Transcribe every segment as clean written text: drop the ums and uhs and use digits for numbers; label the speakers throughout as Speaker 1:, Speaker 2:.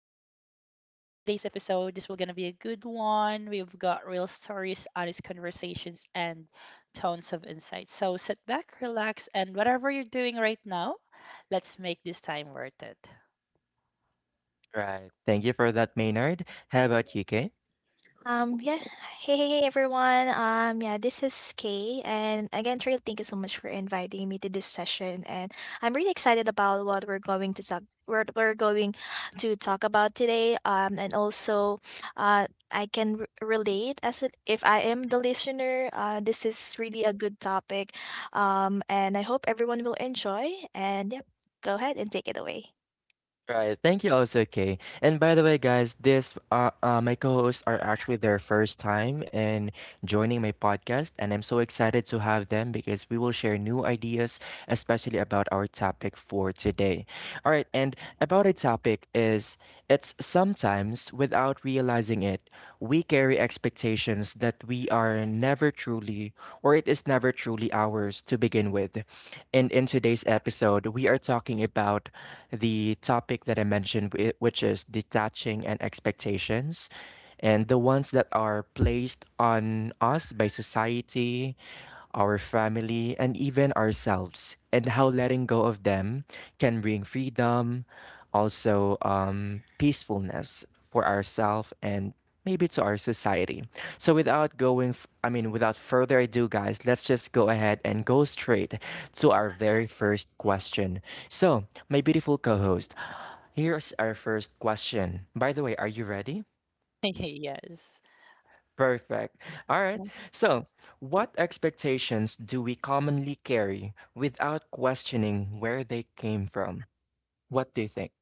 Speaker 1: like to say for today's episode, this will gonna be a good one. We've got real stories, honest conversations, and tons of insight. So sit back, relax, and whatever you're doing right now, let's make this time worth it.
Speaker 2: Right. Thank you for that, Maynard. How about you, Kay?
Speaker 3: Um, yeah. Hey, hey, hey, everyone. Yeah, this is Kay. And again, Trail, thank you so much for inviting me to this session. And I'm really excited about what we're going to talk about today. And also, I can r relate as if I am the listener. This is really a good topic. And I hope everyone will enjoy. And yep, go ahead and take it away.
Speaker 2: Right. Thank you also, Kay. And by the way, guys, this my co-hosts are actually their first time and joining my podcast. And I'm so excited to have them because we will share new ideas, especially about our topic for today. All right. And about a topic is it's sometimes without realizing it, we carry expectations that we are never truly or it is never truly ours to begin with. And in today's episode, we are talking about the topic that I mentioned, which is detaching and expectations and the ones that are placed on us by society, our family, and even ourselves, and how letting go of them can bring freedom, also peacefulness for ourselves and maybe to our society. So without going, f- I mean, without further ado, guys, let's just go ahead and go straight to our very first question. So, my beautiful co host, here's our first question. By the way, are you ready?
Speaker 1: Yes.
Speaker 2: Perfect. All right. So, what expectations do we commonly carry without questioning where they came from? What do you think?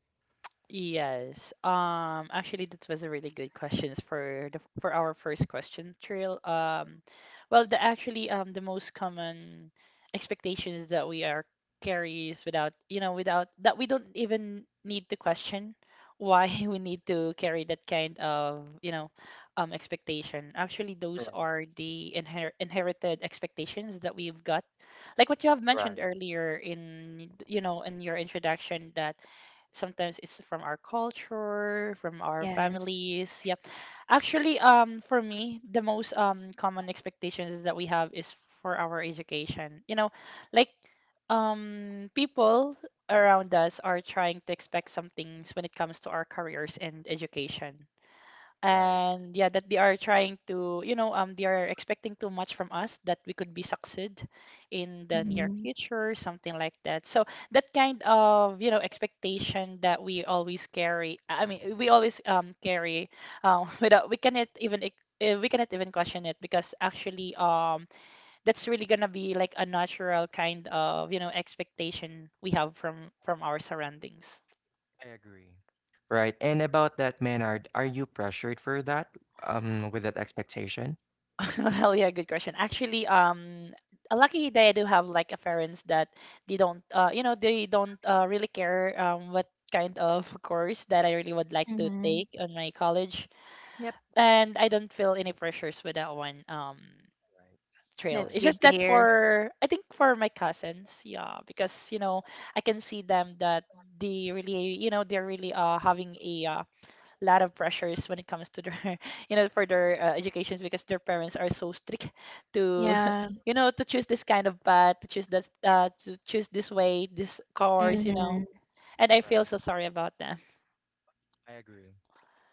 Speaker 1: Yes. Actually, that was a really good questions for the for our first question, Trail. Well, the actually the most common expectations that we are carries without, without that we don't even need to question why we need to carry that kind of, you know, expectation. Actually, those are the inherited expectations that we've got, like what you have mentioned
Speaker 2: Right,
Speaker 1: earlier in, you know, in your introduction, that sometimes it's from our culture, from our
Speaker 3: Yes.
Speaker 1: families. Yep, actually, for me, the most common expectations that we have is for our education, you know, like, people around us are trying to expect some things when it comes to our careers and education.
Speaker 2: right.
Speaker 1: And yeah, that they are trying to, you know, they are expecting too much from us that we could be succeed in the near
Speaker 3: Mm-hmm.
Speaker 1: future, something like that. So that kind of, you know, expectation that we always carry, I mean, we always carry, without, we cannot even question it, because actually that's really gonna be like a natural kind of, you know, expectation we have from our surroundings.
Speaker 2: I agree. Right. And about that, Maynard, are you pressured for that? With that expectation?
Speaker 1: Well, yeah, good question. Actually, lucky they do have like a parents that they don't, you know, they don't, really care, what kind of course that I really would like to
Speaker 3: Mm-hmm.
Speaker 1: take on my college,
Speaker 3: Yep.
Speaker 1: and I don't feel any pressures with that one,
Speaker 2: Right.
Speaker 1: Trail.
Speaker 3: That's
Speaker 1: It's just
Speaker 2: Nice.
Speaker 3: good to
Speaker 1: that
Speaker 3: hear.
Speaker 1: for, I think for my cousins, yeah, because you know I can see them that they really, you know, they're really, having a, lot of pressures when it comes to their you know, for their, educations, because their parents are so strict to
Speaker 3: Yeah.
Speaker 1: you know, to choose this kind of path, to choose that, to choose this way, this course, you know,
Speaker 3: Mhm.
Speaker 1: and I feel
Speaker 2: Right.
Speaker 1: so sorry about them.
Speaker 2: I agree.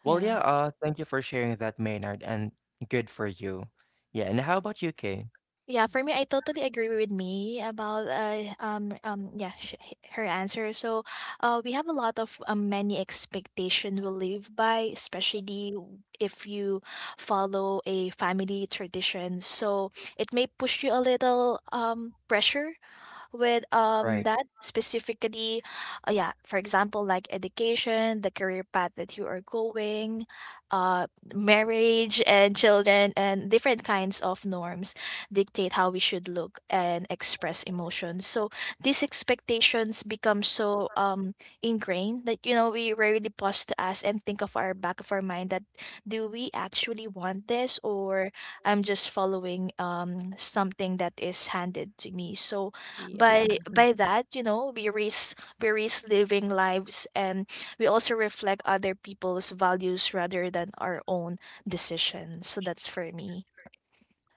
Speaker 2: Well, yeah,
Speaker 3: Yeah.
Speaker 2: thank you for sharing that, Maynard, and good for you. Yeah, and how about you, Kay?
Speaker 3: Yeah, for me, I totally agree with me about yeah her answer. So, we have a lot of many expectation we live by, especially if you follow a family tradition. So it may push you a little pressure with
Speaker 2: Right.
Speaker 3: that specifically, yeah, for example, like education, the career path that you are going, uh marriage and children, and different kinds of norms dictate how we should look and express emotions. So these expectations become so ingrained that, you know, we rarely pause to ask and think of our back of our mind that, do we actually want this, or I'm just following something that is handed to me? So
Speaker 1: Yeah,
Speaker 3: by that, you know, we risk living lives, and we also reflect other people's values rather than our own decisions. So that's for me.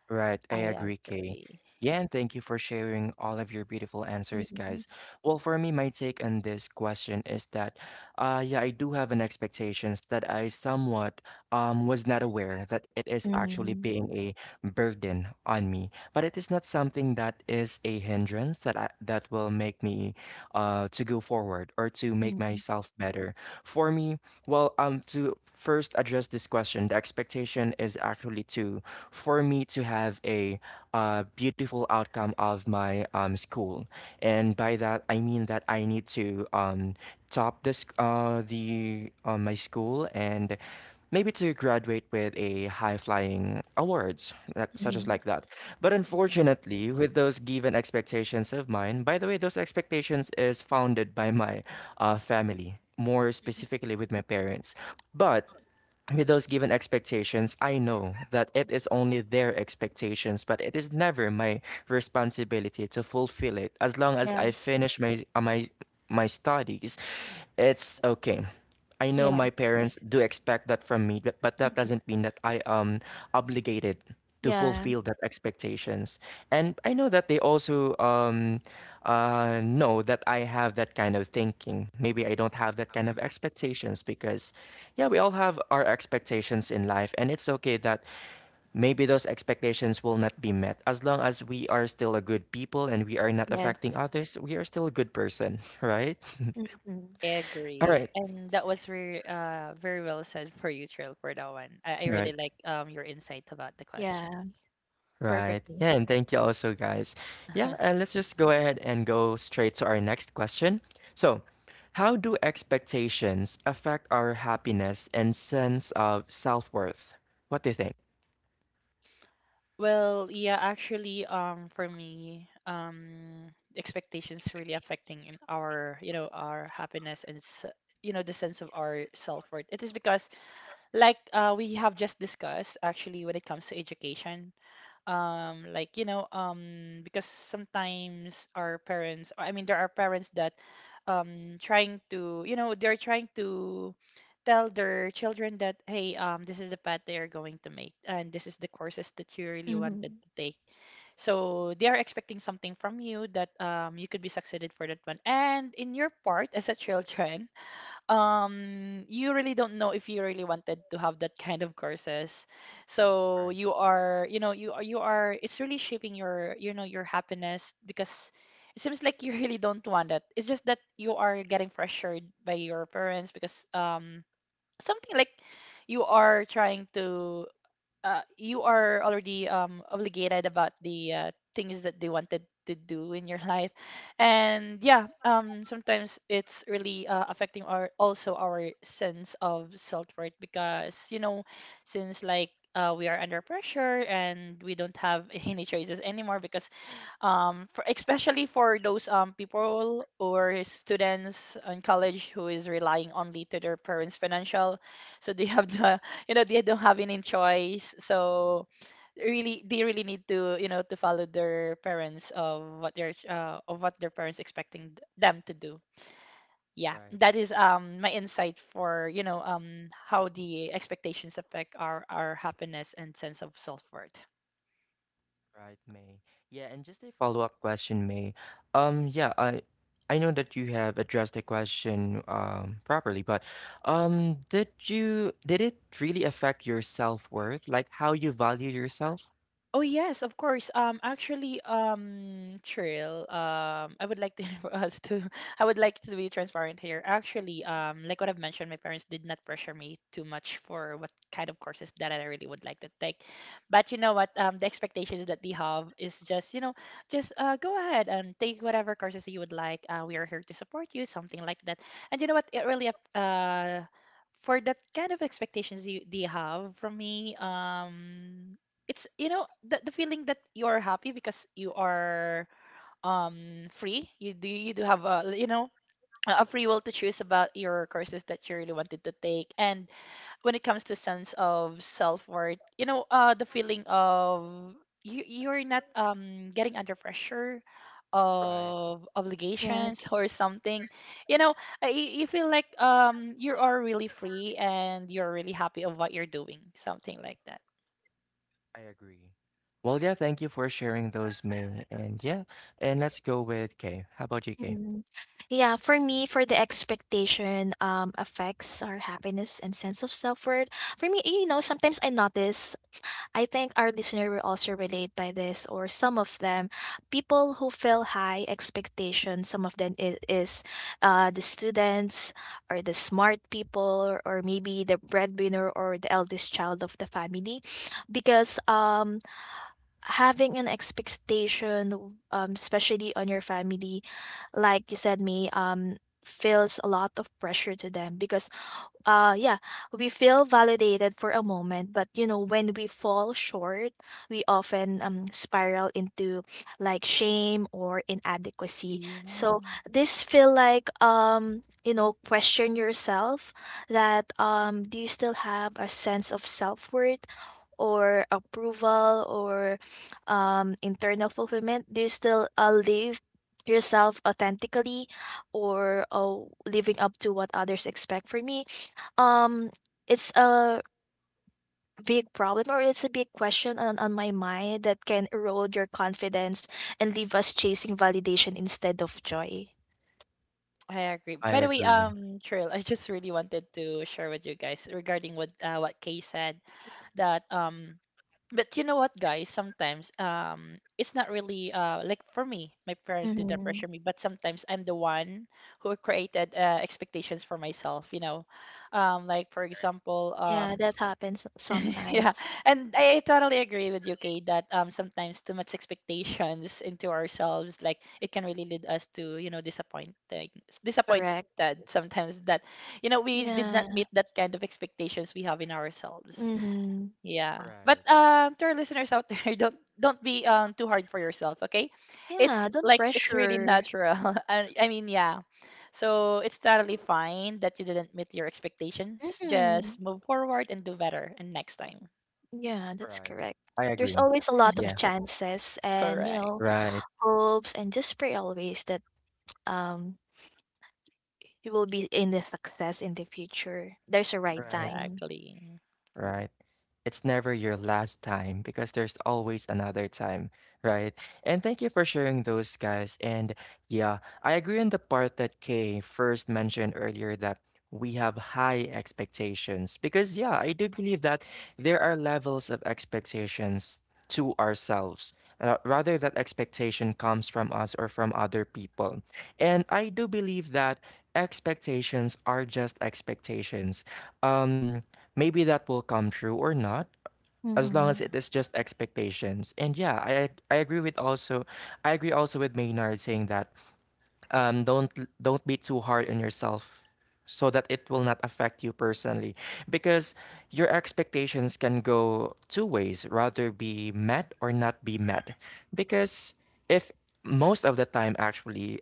Speaker 2: Right, I
Speaker 1: I
Speaker 2: agree, Kay.
Speaker 1: agree.
Speaker 2: Yeah, and thank you for sharing all of your beautiful answers,
Speaker 3: Mhm.
Speaker 2: guys. Well, for me, my take on this question is that, yeah, I do have an expectations that I somewhat was not aware that it is actually
Speaker 3: Hmm.
Speaker 2: being a burden on me, but it is not something that is a hindrance that will make me to go forward or to make myself better? For me, well, to first address this question, the expectation is actually to for me to have a beautiful outcome of my school, and by that I mean that I need to top this the my school and maybe to graduate with a high flying awards that, such as
Speaker 3: Mm-hmm.
Speaker 2: like that, but
Speaker 1: Mhm.
Speaker 2: unfortunately with those given expectations of mine. By the way, those expectations is founded by my family, more specifically with my parents. But with those given expectations, I know that it is only their expectations, but it is never my responsibility to fulfill it. As long as
Speaker 3: Yeah.
Speaker 2: I finish my my studies, it's okay. I know
Speaker 3: Yeah.
Speaker 2: my parents do expect that from me, but that
Speaker 3: Hmm.
Speaker 2: doesn't mean that I am obligated to
Speaker 3: Yeah.
Speaker 2: fulfill that expectations. And I know that they also know that I have that kind of thinking. Maybe I don't have that kind of expectations because, yeah, we all have our expectations in life, and it's okay that maybe those expectations will not be met. As long as we are still a good people and we are not affecting
Speaker 3: Yes.
Speaker 2: others, we are still a good person, right?
Speaker 3: Hmm.
Speaker 1: I
Speaker 2: All
Speaker 1: agree,
Speaker 2: right.
Speaker 1: and that was very very well said for you, Trill, for that one. I
Speaker 2: All
Speaker 1: really
Speaker 2: right.
Speaker 1: like your insight about the
Speaker 3: Yeah.
Speaker 1: questions.
Speaker 2: Right.
Speaker 3: Perfectly.
Speaker 2: Yeah, and thank you also, guys. Yeah, and let's just go ahead and go straight to our next question. So, how do expectations affect our happiness and sense of self-worth? What do you think?
Speaker 1: Well, yeah, actually, for me, expectations really affecting in our, you know, our happiness and, you know, the sense of our self-worth. It is because, like, we have just discussed, actually, when it comes to education, like, you know, because sometimes our parents, I mean, there are parents that trying to, you know, they're trying to tell their children that, hey, um, this is the path they are going to make, and this is the courses that you really
Speaker 3: Hmm.
Speaker 1: wanted to take. So they are expecting something from you that, um, you could be succeeded for that one, and in your part as a children, you really don't know if you really wanted to have that kind of courses. So
Speaker 2: Right,
Speaker 1: you know, you are, it's really shaping your, you know, your happiness, because it seems like you really don't want it. It's just that you are getting pressured by your parents because, um, something like you are trying to, you are already, obligated about the, things that they wanted to do in your life. And yeah, sometimes it's really, affecting our, also our sense of self-worth, because you know, since like, we are under pressure and we don't have any choices anymore because, um, for, especially for those, um, people or students in college who is relying only to their parents financial, so they have the you know, they don't have any choice. So really, they really need to, you know, to follow their parents of what their, uh, parents expecting them to do. Yeah,
Speaker 2: right,
Speaker 1: that is, um, my insight for, you know, um, how the expectations affect our happiness and sense of self-worth.
Speaker 2: right, May. Yeah, and just a follow-up question, May. Yeah, I know that you have addressed the question properly, but did it really affect your self-worth? Like how you value yourself?
Speaker 1: Oh yes, of course. Actually, Trill, I would like to us to, I would like to be transparent here. Actually, like what I've mentioned, my parents did not pressure me too much for what kind of courses that I really would like to take. But you know what? The expectations that they have is just, you know, just, go ahead and take whatever courses you would like. We are here to support you, something like that. And you know what? It really, for that kind of expectations you they have from me, um, it's, you know, the feeling that you are happy because you are, um, free. You do have a, you know, a free will to choose about your courses that you really wanted to take. And when it comes to sense of self-worth, you know, uh, the feeling of you, you're not, um, getting under pressure
Speaker 2: Right,
Speaker 1: of obligations
Speaker 3: Yes.
Speaker 1: or something, you know, you feel like, um, you are really free and you're really happy of what you're doing, something like that.
Speaker 2: I agree. Well, yeah, thank you for sharing those, Min. And yeah, and let's go with Kay. How about you, Kay?
Speaker 3: Hmm. Yeah, for me, for the expectation, affects our happiness and sense of self-worth. For me, you know, sometimes I notice, I think our listener will also relate by this, or some of them, people who feel high expectations. Some of them is the students, or the smart people, or maybe the breadwinner or the eldest child of the family, because having an expectation, especially on your family, like you said, me, feels a lot of pressure to them because, yeah, we feel validated for a moment, but you know, when we fall short, we often spiral into like shame or inadequacy.
Speaker 1: Yeah,
Speaker 3: So this feel like, you know, question yourself that, um, do you still have a sense of self-worth or
Speaker 2: Right,
Speaker 3: approval, or internal fulfillment? Do you still live yourself authentically, or living up to what others expect from me? Um, it's a big problem, or it's a big question on my mind, that can erode your confidence and leave us chasing validation instead of joy.
Speaker 1: I agree.
Speaker 2: I
Speaker 1: By the way,
Speaker 2: agree.
Speaker 1: Trill, I just really wanted to share with you guys regarding what Kay said that, but you know what, guys, sometimes, it's not really, uh, like for me, my parents did not
Speaker 3: Hmm.
Speaker 1: pressure me, but sometimes I'm the one who created, expectations for myself, you know, like for example,
Speaker 3: Yeah, that happens
Speaker 1: Yeah,
Speaker 3: sometimes.
Speaker 1: and totally agree with you, Kay, that, um, sometimes too much expectations into ourselves, like it can really lead us to, you know, disappointed
Speaker 3: Correct.
Speaker 1: sometimes that, you know, we did not
Speaker 3: Yeah.
Speaker 1: meet that kind of expectations we have in ourselves.
Speaker 3: Mm-hmm.
Speaker 1: Yeah. But,
Speaker 2: Right,
Speaker 1: um, to our listeners out there, don't be, um, too hard for yourself, okay? It's
Speaker 3: Yeah, don't
Speaker 1: like it's really
Speaker 3: pressure.
Speaker 1: natural. I mean, yeah. So it's totally fine that you didn't meet your expectations.
Speaker 3: Mm-hmm.
Speaker 1: Just move forward and do better and next time.
Speaker 3: Yeah, that's
Speaker 2: right.
Speaker 3: correct.
Speaker 2: I
Speaker 3: There's
Speaker 2: agree.
Speaker 3: always a lot of
Speaker 2: Yeah,
Speaker 3: chances and, you
Speaker 1: Correct.
Speaker 3: know,
Speaker 2: right,
Speaker 3: hopes, and just pray always that um you will be in the success in the future. There's a right
Speaker 2: right,
Speaker 3: time.
Speaker 1: Exactly.
Speaker 2: right. It's never your last time because there's always another time, right? And thank you for sharing those, guys. And yeah, I agree on the part that Kay first mentioned earlier that we have high expectations because, yeah, I do believe that there are levels of expectations to ourselves, rather that expectation comes from us or from other people. And I do believe that expectations are just expectations. Um, maybe that will come true or not. As long as
Speaker 3: Mhm.
Speaker 2: it is just expectations. And yeah, I agree also with Maynard saying that um, don't don't be too hard on yourself so that it will not affect you personally, because your expectations can go two ways, rather be met or not be met. Because if most of the time actually,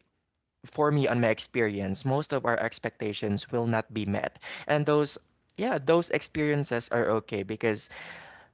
Speaker 2: for me on my experience, most of our expectations will not be met. And those, yeah, those experiences are okay because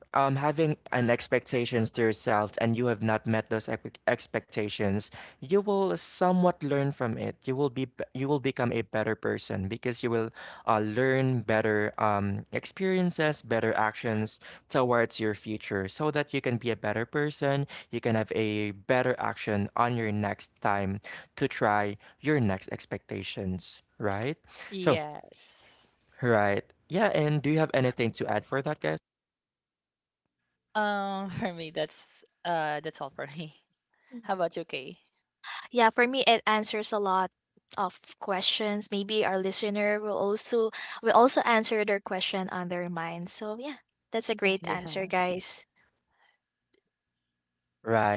Speaker 2: having an expectations to yourselves and you have not met those expectations, you will somewhat learn from it. You will become a better person, because you will learn better experiences, better actions towards your future so that you can be a better person. You can have a better action on your next time to try your next expectations, right? So,
Speaker 1: Yes.
Speaker 2: right. Yeah. And do you have anything to add for that, guys?
Speaker 1: For me, that's all for me. How
Speaker 3: Mhm.
Speaker 1: about you, Kay?
Speaker 3: Yeah, for me, it answers a lot of questions. Maybe our listener will also, will also answer their question on their mind. So yeah, that's a great answer,
Speaker 1: Yeah.
Speaker 3: guys.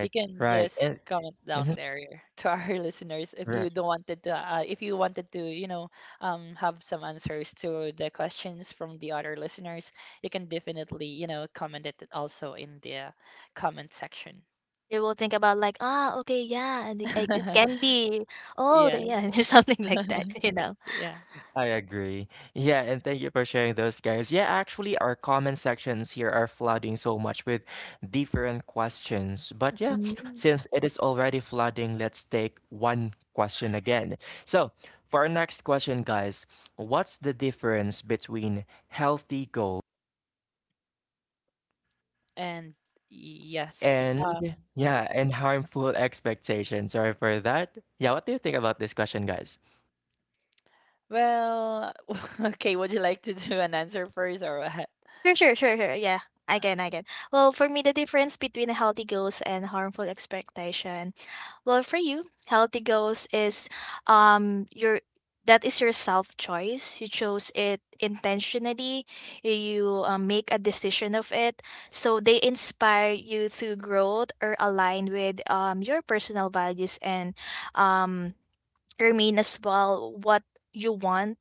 Speaker 1: You can
Speaker 2: Right.
Speaker 1: just
Speaker 2: And,
Speaker 1: comment
Speaker 2: mhm,
Speaker 1: down there to our listeners if you
Speaker 2: right.
Speaker 1: don't wanted to, if you wanted to, you know, have some answers to the questions from the other listeners. You can definitely, you know, comment it also in the comment section.
Speaker 3: They will think about like, ah, okay, yeah, and it can be, oh, the-
Speaker 1: Yeah,
Speaker 3: yeah, something like that, you know.
Speaker 1: yeah.
Speaker 2: I agree. Yeah, and thank you for sharing those, guys. Yeah, actually, our comment sections here are flooding so much with different questions. But yeah, since it is already flooding, let's take one question again. So, for our next question, guys, what's the difference between healthy goals
Speaker 1: And yes,
Speaker 2: and, yeah, and harmful expectations? Sorry for that. Yeah, what do you think about this question, guys?
Speaker 1: well, okay, would you like to do an answer first or what?
Speaker 3: Sure, sure, sure, sure. Yeah, I can, I can. Well, for me, the difference between healthy goals and harmful expectation. Well, for you, healthy goals is your, that is your self choice. You chose it intentionally. You, make a decision of it. So they inspire you through growth or align with your personal values, and um remain as well what you want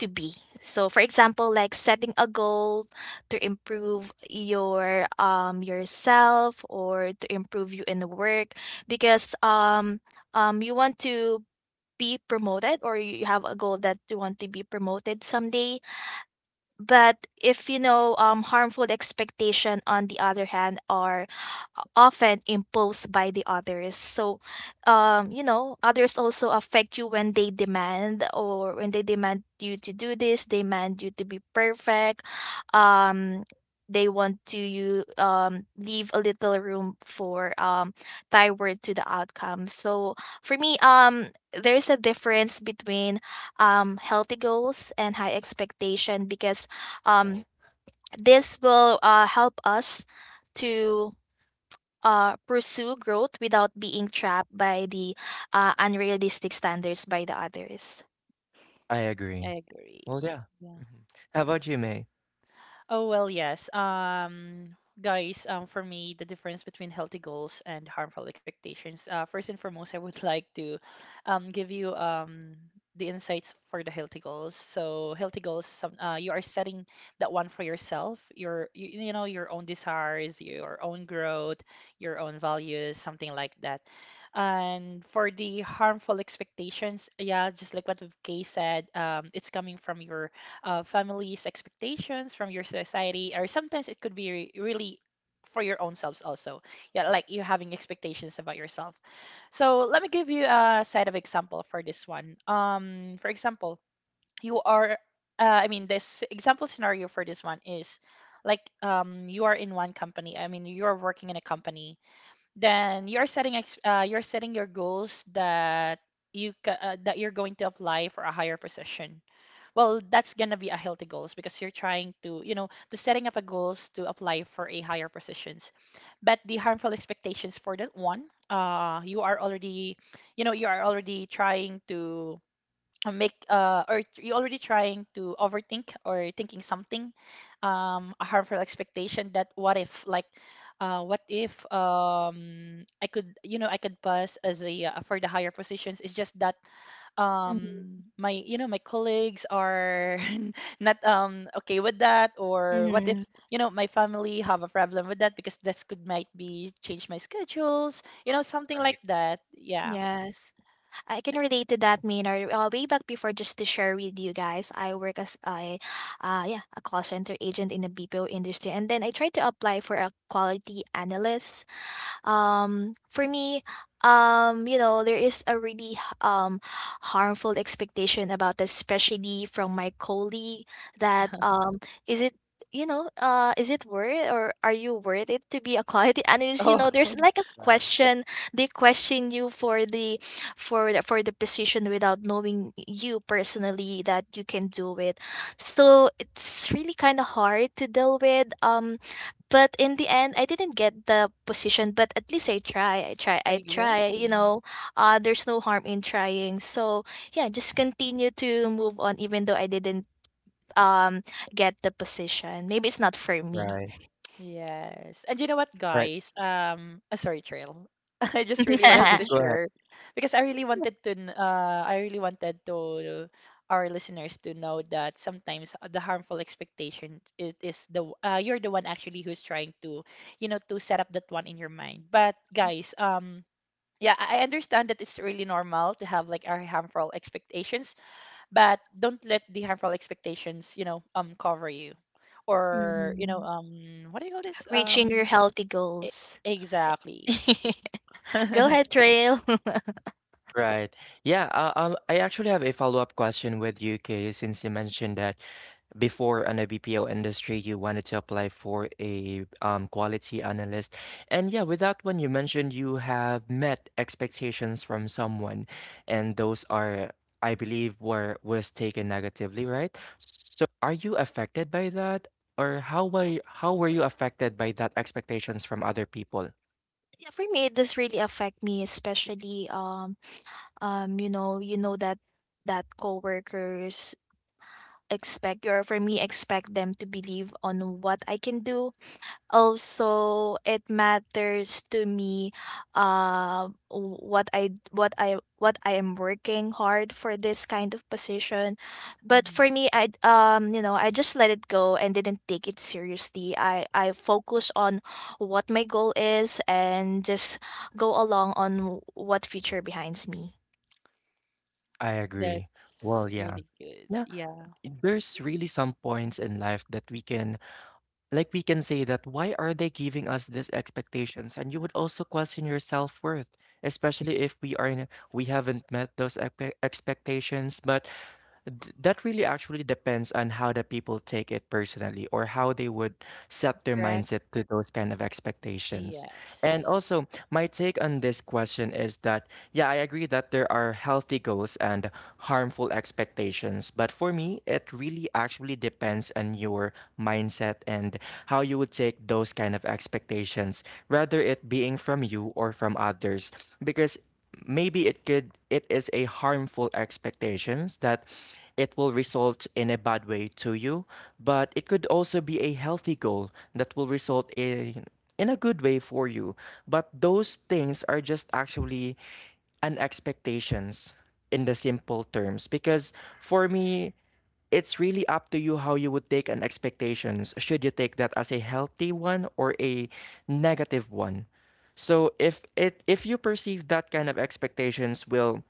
Speaker 3: to be. So for example, like setting a goal to improve your, um, yourself, or to improve you in the work, because you want to be promoted, or you have a goal that you want to be promoted someday. But if you know, harmful expectation, on the other hand, are often imposed by the others. So you know, others also affect you when they demand, or when they demand you to do this, they demand you to be perfect, um, they want to you, leave a little room for, thyroid to the outcome. So for me, there's a difference between, healthy goals and high expectation, because um,
Speaker 2: Right,
Speaker 3: this will help us to pursue growth without being trapped by the unrealistic standards by the others.
Speaker 2: I agree.
Speaker 1: I agree.
Speaker 2: Well, yeah.
Speaker 1: Yeah.
Speaker 2: Mhm. How about you, May?
Speaker 1: Oh, well, yes. Guys, for me, the difference between healthy goals and harmful expectations. First and foremost, I would like to, give you, the insights for the healthy goals. So, healthy goals, some, you are setting that one for yourself, your you know, your own desires, your own growth, your own values, something like that. And for the harmful expectations, yeah, just like what Kay said, it's coming from your, family's expectations, from your society, or sometimes it could be really for your own selves also. Yeah, like you having expectations about yourself. So let me give you a side of example for this one. For example, you are, I mean, this example scenario for this one is like, you are in one company. I mean, you are working in a company. Then you are setting ex you're setting your goals that you ca that you're going to apply for a higher position. Well, that's gonna be a healthy goals, because you're trying to, you know, to setting up a goals to apply for a higher positions. But the harmful expectations for that one, uh, you are already, you know, you are already trying to, make or you're already trying to overthink or thinking something, a harmful expectation that, what if like, what if, I could, you know, I could pass as a, for the higher positions, it's just that, um, my, you know, my colleagues are not, um, okay with that, or what if,
Speaker 3: Mm-hmm.
Speaker 1: you know, my family have a problem with that because this could might be change my schedules, you know, something like
Speaker 2: Right,
Speaker 1: that. Yeah.
Speaker 3: Yes, I can relate to that, Maynard. Way back before, just to share with you guys, I work as a, yeah, a call center agent in the BPO industry, and then I tried to apply for a quality analyst. For me, you know, there is a really harmful expectation about this, especially from my colleague, that is it, you know, is it worth, or are you worth it to be a quality analyst? You know,
Speaker 1: Oh.
Speaker 3: there's like a
Speaker 2: right.
Speaker 3: question, they question you for the, for the position, without knowing you personally, that you can do it. So it's really kind of hard to deal with, but in the end, I didn't get the position, but at least I try. I try. I try. You
Speaker 1: Exactly.
Speaker 3: know, there's no harm in trying. So yeah, just continue to move on, even though I didn't um get the position. Maybe it's not for me.
Speaker 2: Right,
Speaker 1: Yes. And you know what,
Speaker 2: right.
Speaker 1: guys? Sorry, Trail. I just really
Speaker 2: Yeah,
Speaker 1: wanted to
Speaker 2: just go ahead.
Speaker 1: share because I really wanted to, I really wanted to our listeners to know that sometimes the harmful expectation it is the you're the one actually who's trying to, you know, to set up that one in your mind. But guys, yeah, I understand that it's really normal to have like our harmful expectations, but don't let the harmful expectations, you know, cover you, or you know,
Speaker 3: Mhm.
Speaker 1: what do you call this?
Speaker 3: Reaching your healthy
Speaker 1: E-
Speaker 3: goals.
Speaker 1: exactly.
Speaker 3: Go ahead, Trail.
Speaker 2: Right. Yeah, I actually have a follow-up question with you, Kay, since you mentioned that before on the BPO industry, you wanted to apply for a quality analyst. And yeah, with that one, you mentioned you have met expectations from someone, and those are, I believe, were was taken negatively, right? So are you affected by that, or how were you affected by that expectations from other people?
Speaker 3: Yeah, for me, it does really affect me, especially you know, that that coworkers expect, or for me expect them to believe on what I can do. Also, it matters to me, uh what I, what I am working hard for this kind of position. But
Speaker 1: Mhm.
Speaker 3: for me, I, you know, I just let it go and didn't take it seriously. I focus on what my goal is, and just go along on what future behinds me.
Speaker 2: I agree.
Speaker 1: That's
Speaker 2: Well, yeah.
Speaker 1: really good.
Speaker 2: Yeah,
Speaker 1: Yeah.
Speaker 2: there's really some points in life that we can, like, we can say that why are they giving us these expectations? And you would also question your self-worth, especially if we haven't met those expectations. But that really actually depends on how the people take it personally or how they would set their
Speaker 3: Correct.
Speaker 2: mindset to those kind of expectations. And
Speaker 1: Yes.
Speaker 2: also, my take on this question is that, yeah, I agree that there are healthy goals and harmful expectations. But for me, it really actually depends on your mindset and how you would take those kind of expectations, whether it being from you or from others. Because maybe it is a harmful expectations that it will result in a bad way to you, but it could also be a healthy goal that will result in a good way for you. But those things are just actually an expectations, in the simple terms, because for me it's really up to you how you would take an expectations. Should you take that as a healthy one or a negative one? So if you perceive that kind of expectations will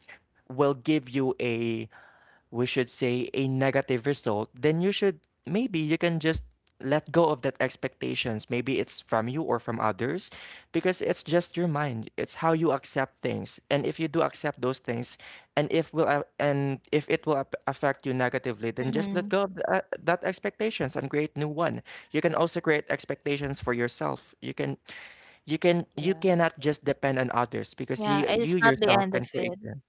Speaker 2: give you a, we should say, a negative result, then you should, maybe you can just let go of that expectations, maybe it's from you or from others, because it's just your mind, it's how you accept things. And if you do accept those things, and if will a- and if it will affect you negatively, then just let
Speaker 3: Mm-hmm.
Speaker 2: go of that expectations and create new one. You can also create expectations for yourself. You
Speaker 1: Yeah.
Speaker 2: cannot just depend on others, because
Speaker 3: Yeah, it's
Speaker 2: you
Speaker 3: not the
Speaker 2: yourself
Speaker 3: end
Speaker 2: can
Speaker 3: of
Speaker 2: create
Speaker 3: it.
Speaker 2: them.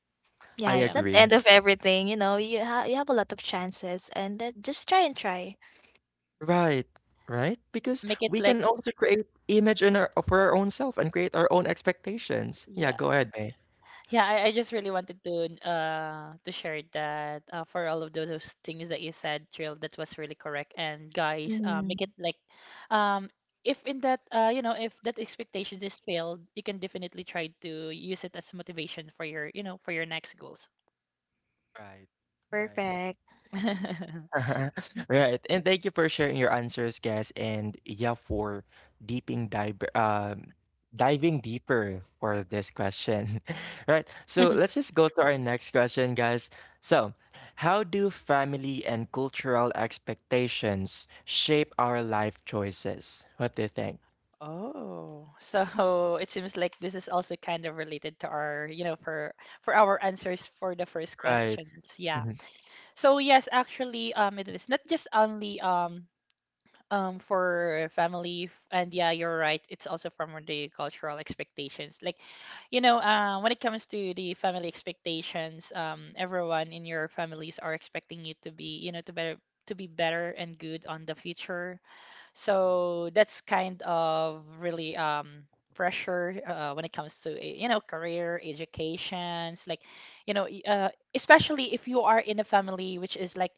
Speaker 2: I
Speaker 3: Yeah, it's
Speaker 1: Yeah.
Speaker 3: not the
Speaker 2: agree.
Speaker 3: end of everything, you know, you ha you have a lot of chances, and then just try and try.
Speaker 2: Right, right? Because
Speaker 1: Make it
Speaker 2: we
Speaker 1: like,
Speaker 2: can also create image in our for our own self and create our own expectations. Yeah,
Speaker 1: yeah.
Speaker 2: go ahead, May.
Speaker 1: Yeah, I just really wanted to share that for all of those things that you said, Trill, that was really correct. And guys,
Speaker 3: Mhm.
Speaker 1: make it like, um, if in that you know if that expectations is failed, you can definitely try to use it as motivation for your, you know, for your next goals.
Speaker 2: Right, right.
Speaker 3: Perfect.
Speaker 2: Right. And thank you for sharing your answers, guys. And yeah, for deeping dive diving deeper for this question. Right. So let's just go to our next question, guys. So, how do family and cultural expectations shape our life choices? What do you think?
Speaker 1: Oh, so it seems like this is also kind of related to our, you know, for our answers for the first
Speaker 2: Right.
Speaker 1: questions. Yeah. So yes, actually, it is not just only for and yeah you're right, it's also from the cultural expectations. Like you know, when it comes to the family expectations, everyone in your families are expecting you to be, you know, to better, to be better and good on the future. So that's kind of really pressure when it comes to you know, career educations. Like you know especially if you are in a family which is like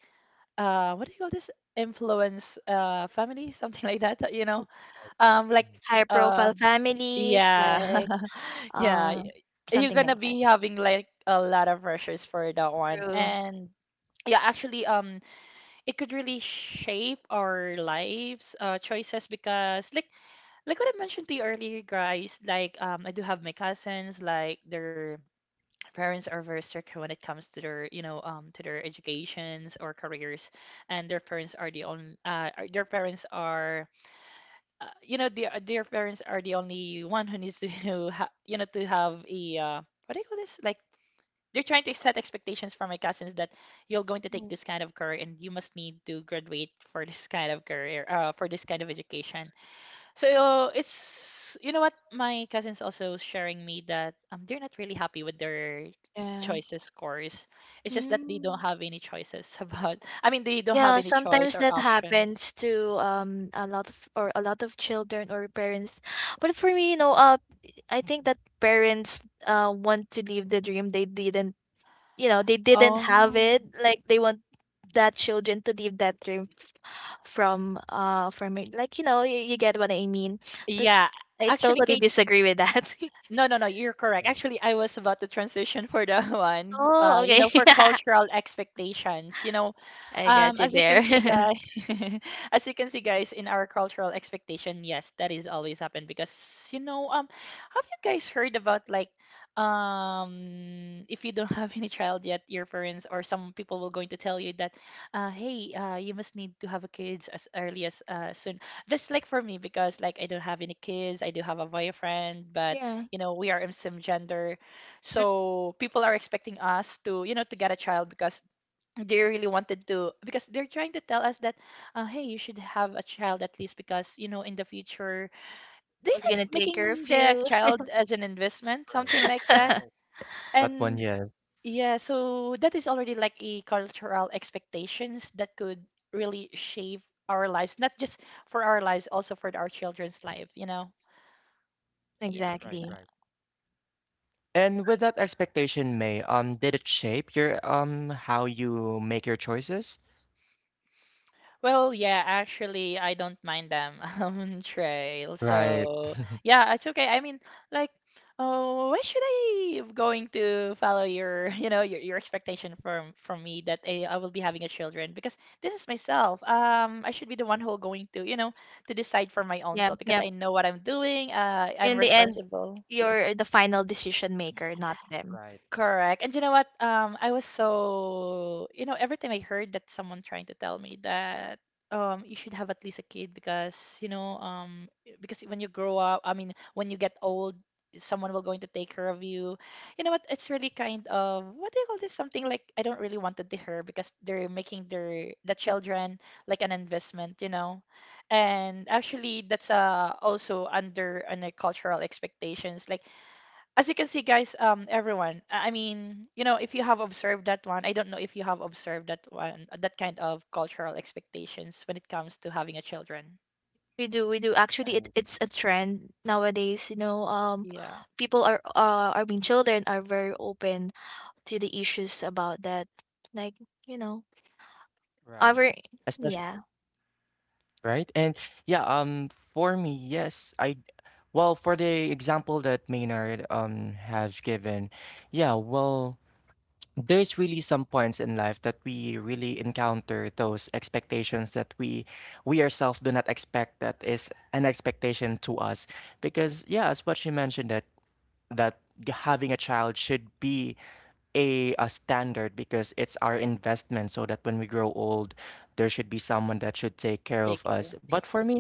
Speaker 1: what do you call this, influence family something like that, you know,
Speaker 2: Right.
Speaker 1: like
Speaker 2: Mm.
Speaker 3: High profile
Speaker 1: um
Speaker 3: families,
Speaker 1: yeah
Speaker 3: like,
Speaker 1: yeah
Speaker 3: uh,
Speaker 1: you're
Speaker 3: something
Speaker 1: gonna
Speaker 3: like that.
Speaker 1: be having like a lot of pressures for that one.
Speaker 3: True.
Speaker 1: And yeah, actually, it could really shape our lives choices because like what I mentioned to you earlier guys, like I do have my cousins, like they're parents are very strict when it comes to their, you know, to their educations or careers, and their parents are the only their parents are you know, their parents are the only one who needs to you know, you know, to have a what do you call this, like, they're trying to set expectations for my cousins that you're going to take
Speaker 3: Mhm.
Speaker 1: this kind of career and you must need to graduate for this kind of career, for this kind of education. So it's, you know what, my cousin's also sharing me that they're not really happy with their
Speaker 3: Yeah.
Speaker 1: choices scores. It's just that they don't
Speaker 3: Mm.
Speaker 1: have any choices about, I mean, they don't have
Speaker 3: Yeah,
Speaker 1: any choice
Speaker 3: sometimes
Speaker 1: or
Speaker 3: that
Speaker 1: options.
Speaker 3: happens to, a lot of, or a lot of children or parents. But for me, you know, I think that parents, want to live the dream they didn't, you know, they didn't have
Speaker 1: Oh.
Speaker 3: it, like they want that children to live that dream from, uh, from it, like, you know, you get what I mean. But
Speaker 1: Yeah,
Speaker 3: I
Speaker 1: actually,
Speaker 3: totally disagree with that.
Speaker 1: no, no, no, you're correct. Actually, I was about to transition for the one,
Speaker 3: Oh,
Speaker 1: you
Speaker 3: okay.
Speaker 1: know, for cultural expectations. You know,
Speaker 3: I got you
Speaker 1: as you can see,
Speaker 3: there.
Speaker 1: guys, as you can see, guys, in our cultural expectation, yes, that is always happened because, you know, have you guys heard about like, if you don't have any child yet, your parents or some people will going to tell you that, hey, you must need to have a kids as early as soon. Just like for me, because like I don't have any kids, I do have a boyfriend, but
Speaker 3: Yeah.
Speaker 1: you know we are MSIM gender,
Speaker 3: Mm,
Speaker 1: so people are expecting us to, you know, to get a child because they really wanted to, because they're trying to tell us that, hey, you should have a child at least because, you know, in the future, they
Speaker 3: who's gonna
Speaker 1: like
Speaker 3: take care of
Speaker 1: making the
Speaker 3: you.
Speaker 1: child as an investment,
Speaker 2: Right.
Speaker 1: something like
Speaker 2: Right.
Speaker 1: that.
Speaker 2: Right. That one,
Speaker 1: And
Speaker 2: yes.
Speaker 1: yeah, so that is already like a cultural expectations that could really shape our lives, not just for our lives, also for our children's life, you know. Yeah.
Speaker 2: Right.
Speaker 3: Exactly.
Speaker 2: Right. And with that expectation, May, did it shape your how you make your choices?
Speaker 1: Well, yeah, actually, I don't mind them Trail.
Speaker 2: Right.
Speaker 1: So yeah, it's okay. I mean, like, oh, why should I going to follow your you know, your expectation from me that I will be having a children because this is myself. I should be the one who going to, you know, to decide for my own
Speaker 3: Yep,
Speaker 1: self because
Speaker 3: yep,
Speaker 1: I know what I'm doing. I'm
Speaker 3: in the end,
Speaker 1: responsible.
Speaker 3: you're the final decision maker, not them.
Speaker 2: Right.
Speaker 1: Correct. And you know what? I was so, you know, every time I heard that someone trying to tell me that you should have at least a kid because, you know, because when you grow up, I mean, when you get old, someone will going to take care of you. You know what? It's really kind of what do you call this? Something like I don't really want it to hear because they're making their the children like an investment, you know. And actually that's also under under cultural expectations. Like, as you can see, guys, everyone, I mean, you know, if you have observed that one, I don't know if you have observed that one, that kind of cultural expectations when it comes to having a children.
Speaker 3: We do, we do actually,
Speaker 2: I-
Speaker 3: it's a trend nowadays, you know,
Speaker 1: Yeah,
Speaker 3: people are, I mean, children are very open to the issues about that. Like, you know,
Speaker 2: Right.
Speaker 3: our,
Speaker 2: Especially
Speaker 3: yeah,
Speaker 2: right. And yeah, for me, yes, I well, for the example that Maynard has given, yeah, well, there's really some points in life that we really encounter those expectations that we ourselves do not expect that is an expectation to us, because yeah, as what she mentioned, that that having a child should be a standard because it's our investment, so that when we grow old, there should be someone that should take care
Speaker 1: take
Speaker 2: of us.
Speaker 1: care.
Speaker 2: But for me,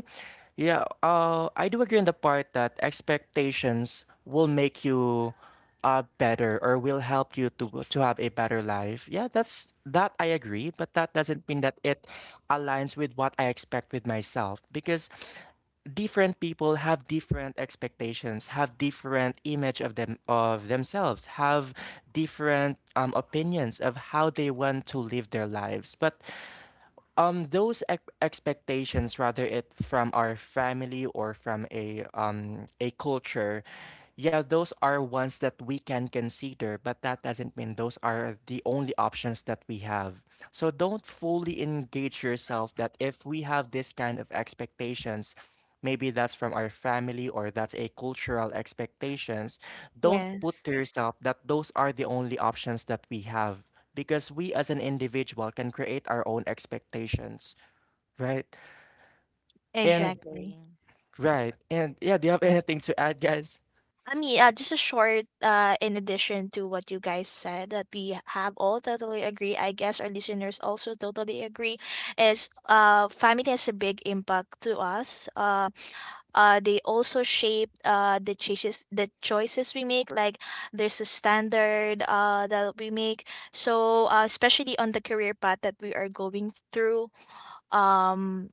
Speaker 2: yeah, I do agree on the part that expectations will make you better or will help you to have a better life. Yeah, that's that I agree, but that doesn't mean that it aligns with what I expect with myself, because different people have different expectations, have different image of them of themselves, have different opinions of how they want to live their lives. But expectations, rather it from our family or from a culture, yeah, those are ones that we can consider, but that doesn't mean those are the only options that we have. So don't fully engage yourself that if we have this kind of expectations, maybe that's from our family or that's a cultural expectations, don't
Speaker 3: yes.
Speaker 2: put to yourself that those are the only options that we have, because we as an individual can create our own expectations, right?
Speaker 1: I
Speaker 2: And
Speaker 3: Exactly.
Speaker 1: agree.
Speaker 2: right. And yeah, do you have anything to add, guys?
Speaker 3: I mean, just a short in addition to what you guys said, that we have all totally agree. I guess our listeners also totally agree, is family has a big impact to us. They also shape the choices, we make, like there's a standard that we make. So especially on the career path that we are going through, um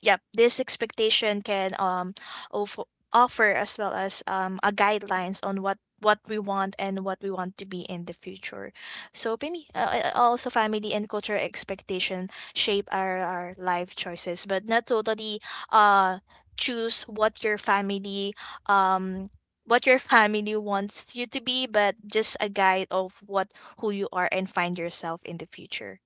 Speaker 3: yep, this expectation can, offer, offer as well as a guidelines on what we want and what we want to be in the future. So maybe also family and cultural expectation shape our life choices, but not totally uh choose what your family, um what your family wants you to be, but just a guide of what, who you are, and find yourself in the future.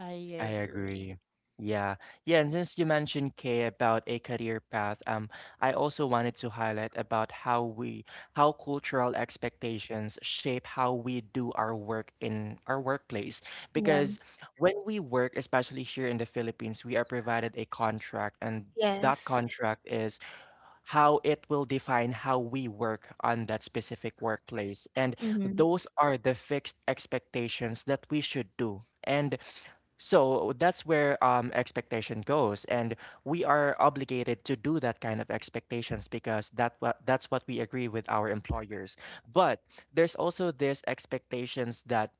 Speaker 1: I
Speaker 2: I
Speaker 1: agree.
Speaker 2: agree. Yeah. Yeah, and since you mentioned Kay about a career path, I also wanted to highlight about how we how cultural expectations shape how we do our work in our workplace.
Speaker 3: Yeah.
Speaker 2: Because when we work, especially here in the Philippines, we are provided a contract, and that
Speaker 3: Yes.
Speaker 2: contract is how it will define how we work on that specific workplace. And
Speaker 3: Mm-hmm.
Speaker 2: those are the fixed expectations that we should do. And so that's where expectation goes, and we are obligated to do that kind of expectations because that that's what we agree with our employers. But there's also this expectations that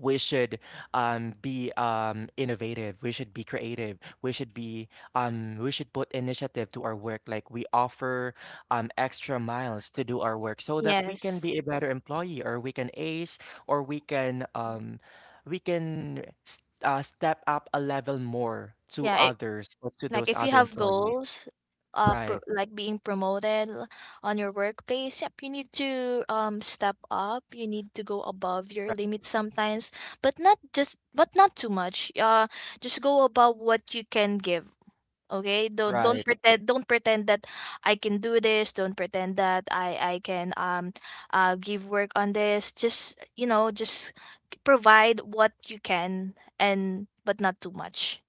Speaker 2: we should be innovative, we should be creative, we should be we should put initiative to our work, like we offer extra miles to do our work so that we can
Speaker 3: Yes.
Speaker 2: be a better employee, or we can ace, or we can step up a level more to
Speaker 3: Yeah, it,
Speaker 2: others or to
Speaker 3: like
Speaker 2: those
Speaker 3: if you
Speaker 2: other
Speaker 3: have
Speaker 2: employees.
Speaker 3: goals, pro
Speaker 2: Right.
Speaker 3: like being promoted, on your workplace, yep, you need to step up. You need to go above your
Speaker 2: Right.
Speaker 3: limits sometimes, but not just, but not too much. Just go above what you can give. Okay? Don't
Speaker 2: Right.
Speaker 3: pretend, that I can do this. Don't pretend that I can give work on this. Just, you know, just provide what you can, and but not too much.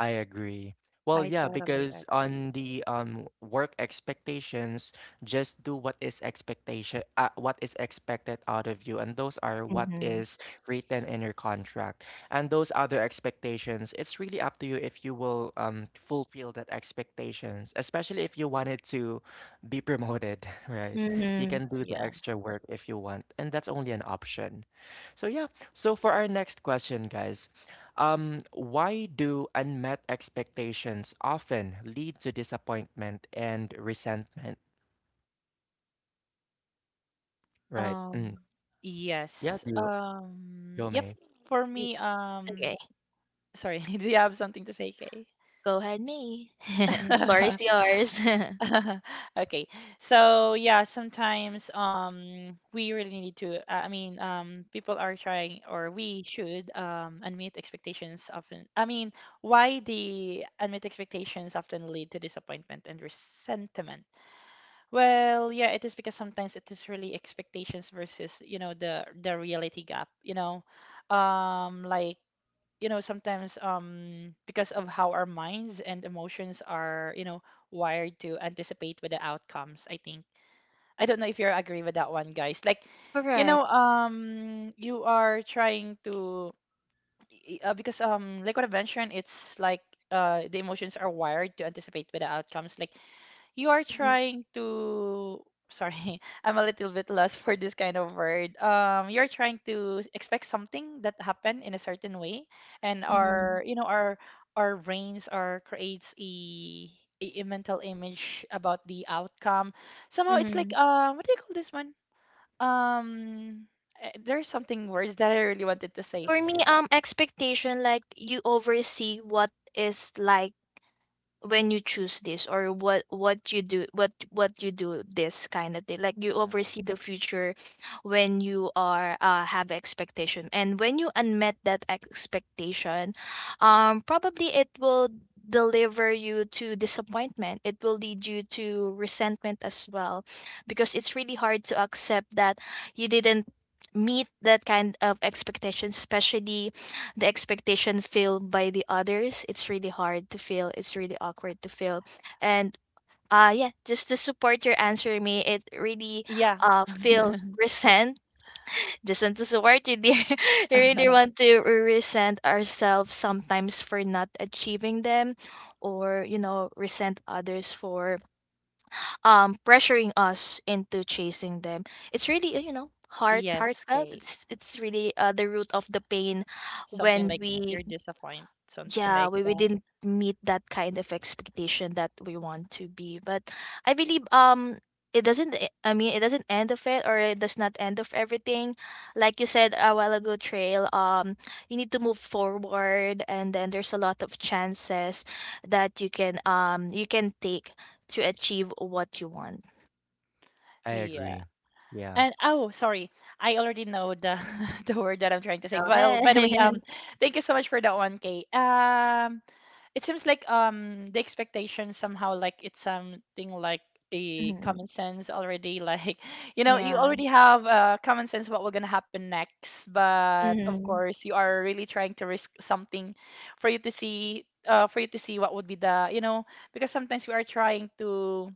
Speaker 2: I agree. Well,
Speaker 1: I
Speaker 2: yeah,
Speaker 1: totally
Speaker 2: because
Speaker 1: agree.
Speaker 2: on the work expectations, just do what is expectation, what is expected out of you, and those are what
Speaker 3: Mhm.
Speaker 2: is written in your contract. And those other expectations, it's really up to you if you will fulfill that expectations, especially if you wanted to be promoted, right? You
Speaker 3: Mhm.
Speaker 2: can do the
Speaker 1: Yeah.
Speaker 2: extra work if you want, and that's only an option. So yeah, so for our next question, guys, why do unmet expectations often lead to disappointment and resentment? Right. Mm.
Speaker 1: Um,
Speaker 2: Yeah,
Speaker 1: yes.
Speaker 2: do you go,
Speaker 1: Yep.
Speaker 2: May?
Speaker 1: For me,
Speaker 3: Okay,
Speaker 1: sorry, do you have something to say, Kay?
Speaker 3: go ahead, me. The floor is yours.
Speaker 1: Okay. So yeah, sometimes we really need to I mean, people are trying or we should admit expectations often. I mean, why the admit expectations often lead to disappointment and resentment? Well, yeah, it is because sometimes it is really expectations versus, you know, the reality gap, you know. Like, you know, sometimes because of how our minds and emotions are, you know, wired to anticipate with the outcomes, I think. I don't know if you agree with that one, guys. Like, you know,
Speaker 3: Correct.
Speaker 1: you are trying to because like what I mentioned, it's like the emotions are wired to anticipate with the outcomes. Like, you are
Speaker 3: Mhm,
Speaker 1: trying to sorry I'm a little bit lost for this kind of word. You're trying to expect something that happen in a certain way, and
Speaker 3: mhm,
Speaker 1: our, you know, our brains are creates a mental image about the outcome, somehow. It's like
Speaker 3: mhm.
Speaker 1: what do you call this one, um there's something words that I really wanted to say.
Speaker 3: For me,
Speaker 2: Right,
Speaker 3: expectation, like you oversee what is like when you choose this or what you do what you do this kind of thing, like you
Speaker 2: right,
Speaker 3: oversee the future when you are have expectation. And when you unmet that expectation, probably it will deliver you to disappointment. It will lead you to resentment as well, because it's really hard to accept that you didn't meet that kind of expectations, especially the expectation feel by the others. It's really hard to feel, it's really awkward to feel. And yeah, just to support your answer, me it really
Speaker 1: Yeah.
Speaker 3: feel resent. Just want to support you, dear. I really want to resent ourselves sometimes for not achieving them, or you know, resent others for pressuring us into chasing them. It's really heart
Speaker 1: Yes,
Speaker 3: heartfelt.
Speaker 1: okay,
Speaker 3: It's really the root of the pain
Speaker 1: something
Speaker 3: when
Speaker 1: like
Speaker 3: we,
Speaker 1: you're disappointed something
Speaker 3: yeah,
Speaker 1: like
Speaker 3: we
Speaker 1: that.
Speaker 3: didn't meet that kind of expectation that we want to be. But I believe it doesn't it doesn't end of it, or it does not end of everything. Like you said a while ago, Trail, you need to move forward, and then there's a lot of chances that you can take to achieve what you want.
Speaker 2: I
Speaker 1: Yeah.
Speaker 2: agree. Yeah,
Speaker 1: And oh, sorry, I already know the the word that I'm trying to say.
Speaker 3: Go
Speaker 1: Well, by the
Speaker 3: ahead.
Speaker 1: way, thank you so much for that one, Kay. It seems like the expectation somehow like it's something like a
Speaker 3: Mhm.
Speaker 1: common sense already. Like, you know, you
Speaker 3: Yeah.
Speaker 1: already have common sense what will gonna happen next, but of
Speaker 3: Hmm.
Speaker 1: course you are really trying to risk something for you to see for you to see what would be the, you know, because sometimes we are trying to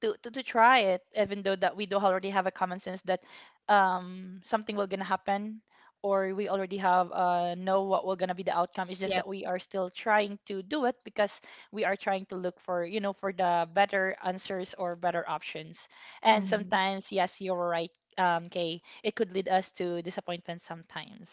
Speaker 1: to try it even though that we do already have a common sense that something will gonna happen, or we already have know what will gonna be the outcome. It's just
Speaker 3: Yep.
Speaker 1: that we are still trying to do it because we are trying to look for, you know, for the better answers or better options. And
Speaker 3: Hmm.
Speaker 1: sometimes, yes, you're right, Kay, it could lead us to disappointment sometimes.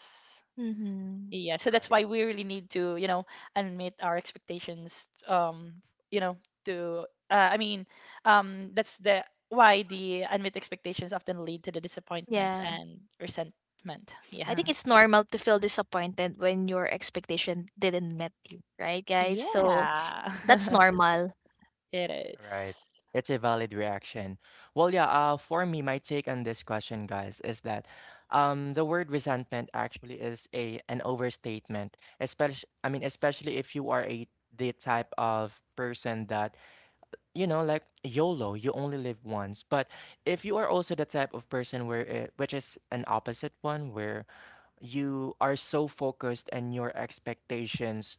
Speaker 3: Hmm.
Speaker 1: Yeah, so that's
Speaker 2: right,
Speaker 1: why we really need to, you know, admit our expectations. You know, to I mean, that's the why the unmet expectations often lead to the disappointment
Speaker 3: Yeah,
Speaker 1: and resentment.
Speaker 3: I think
Speaker 1: Yeah.
Speaker 3: it's normal to feel disappointed when your expectation didn't met you, right, guys? So
Speaker 1: Yeah.
Speaker 3: that's normal.
Speaker 1: It
Speaker 2: right.
Speaker 1: is.
Speaker 2: It's a valid reaction. Well, yeah, for me, my take on this question, guys, is that the word resentment actually is a an overstatement, especially especially if you are a the type of person that you know, like YOLO, you only live once. But if you are also the type of person where it, which is an opposite one, where you are so focused and your expectations,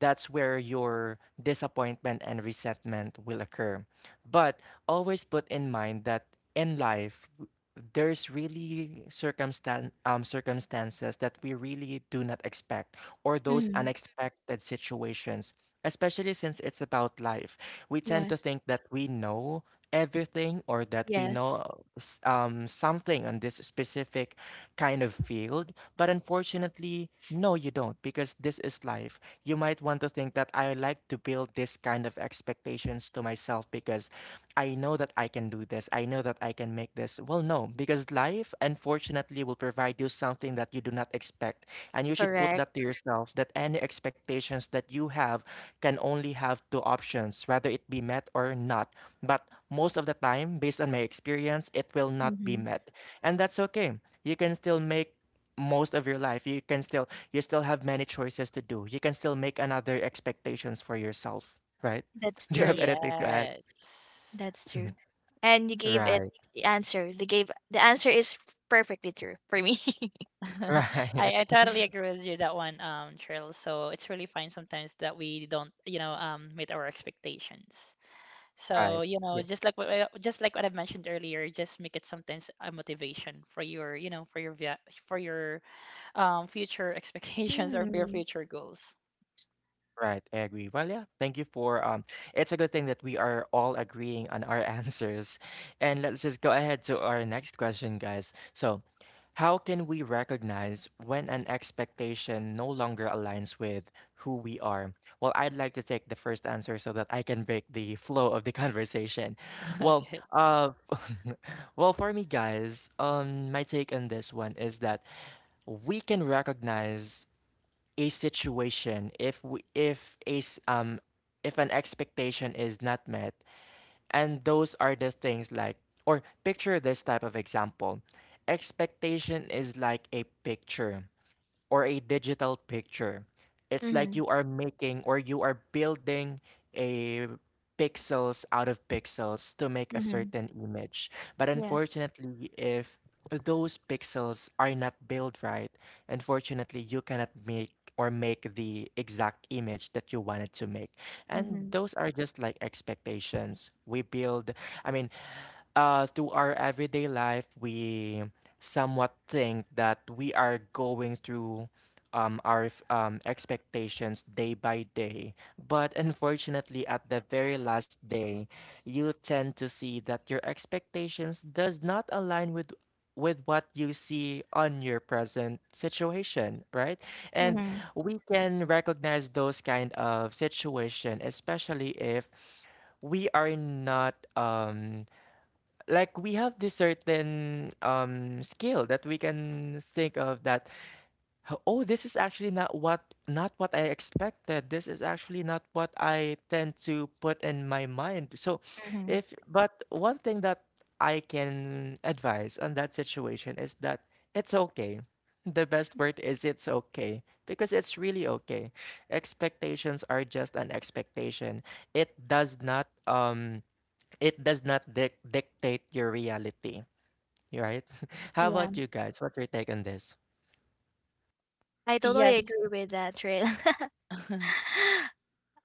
Speaker 2: that's where your disappointment and resentment will occur. But always put in mind that in life, there's really circumstances that we really do not expect, or those
Speaker 3: Hmm.
Speaker 2: unexpected situations, especially since it's about life. We tend to
Speaker 3: Yes.
Speaker 2: think that we know everything, or that we
Speaker 3: Yes.
Speaker 2: know something on this specific kind of field. But unfortunately, no, you don't, because this is life. You might want to think that I like to build this kind of expectations to myself because I know that I can do this. I know that I can make this. Well, no, because life, unfortunately, will provide you something that you do not expect. And you should put that to
Speaker 3: Correct.
Speaker 2: yourself that any expectations that you have can only have two options, whether it be met or not. But most of the time, based on my experience, it will not be
Speaker 3: Hmm.
Speaker 2: met. And that's okay. You can still make most of your life. You can still, you still have many choices to do. You can still make another expectations for yourself, right?
Speaker 3: That's
Speaker 2: Do you have
Speaker 3: true.
Speaker 2: anything to add?
Speaker 1: Yes.
Speaker 3: That's true. And you gave it
Speaker 2: Right.
Speaker 3: the answer. They gave the answer is perfectly true for me.
Speaker 1: I, I totally agree with you that one, Cheryl. So it's really fine sometimes that we don't, you know, meet our expectations. So,
Speaker 2: Right.
Speaker 1: you know,
Speaker 2: Right.
Speaker 1: just like what I, just like what I've mentioned earlier, just make it sometimes a motivation for your, you know, for your for your future expectations or for your
Speaker 3: Mm.
Speaker 1: future goals.
Speaker 2: Right, I agree. Well, yeah, thank you for it's a good thing that we are all agreeing on our answers. And let's just go ahead to our next question, guys. So, how can we recognize when an expectation no longer aligns with who we are? Well, I'd like to take the first answer so that I can break the flow of the conversation. Well,
Speaker 1: Okay.
Speaker 2: well, for me guys, my take on this one is that we can recognize a situation, if we, if if an expectation is not met, and those are the things like, or picture this type of example. Expectation is like a picture or a digital picture. It's like
Speaker 3: Mm-hmm.
Speaker 2: you are making or you are building a pixels out of pixels to make a
Speaker 3: Mm-hmm.
Speaker 2: certain image. But
Speaker 3: Yes.
Speaker 2: unfortunately, if those pixels are not built right, unfortunately, you cannot make or make the exact image that you wanted to make. And
Speaker 3: Mm-hmm.
Speaker 2: those are just like expectations. We build, I mean, through our everyday life, we somewhat think that we are going through expectations day by day. But unfortunately, at the very last day, you tend to see that your expectations does not align with what you see on your present situation, right? And
Speaker 3: Mm-hmm.
Speaker 2: we can recognize those kind of situation, especially if we are not like we have this certain skill that we can think of that oh, this is actually not what, not what I expected, this is actually not what I tend to put in my mind. So
Speaker 3: Hmm.
Speaker 2: if, but one thing that I can advise on that situation is that it's okay. The best word is it's okay, because it's really okay. Expectations are just an expectation. It does not it does not dictate your reality, right? How
Speaker 3: Yeah,
Speaker 2: about you guys? What's your take on this?
Speaker 3: I totally
Speaker 1: Yes.
Speaker 3: agree with that, Trail.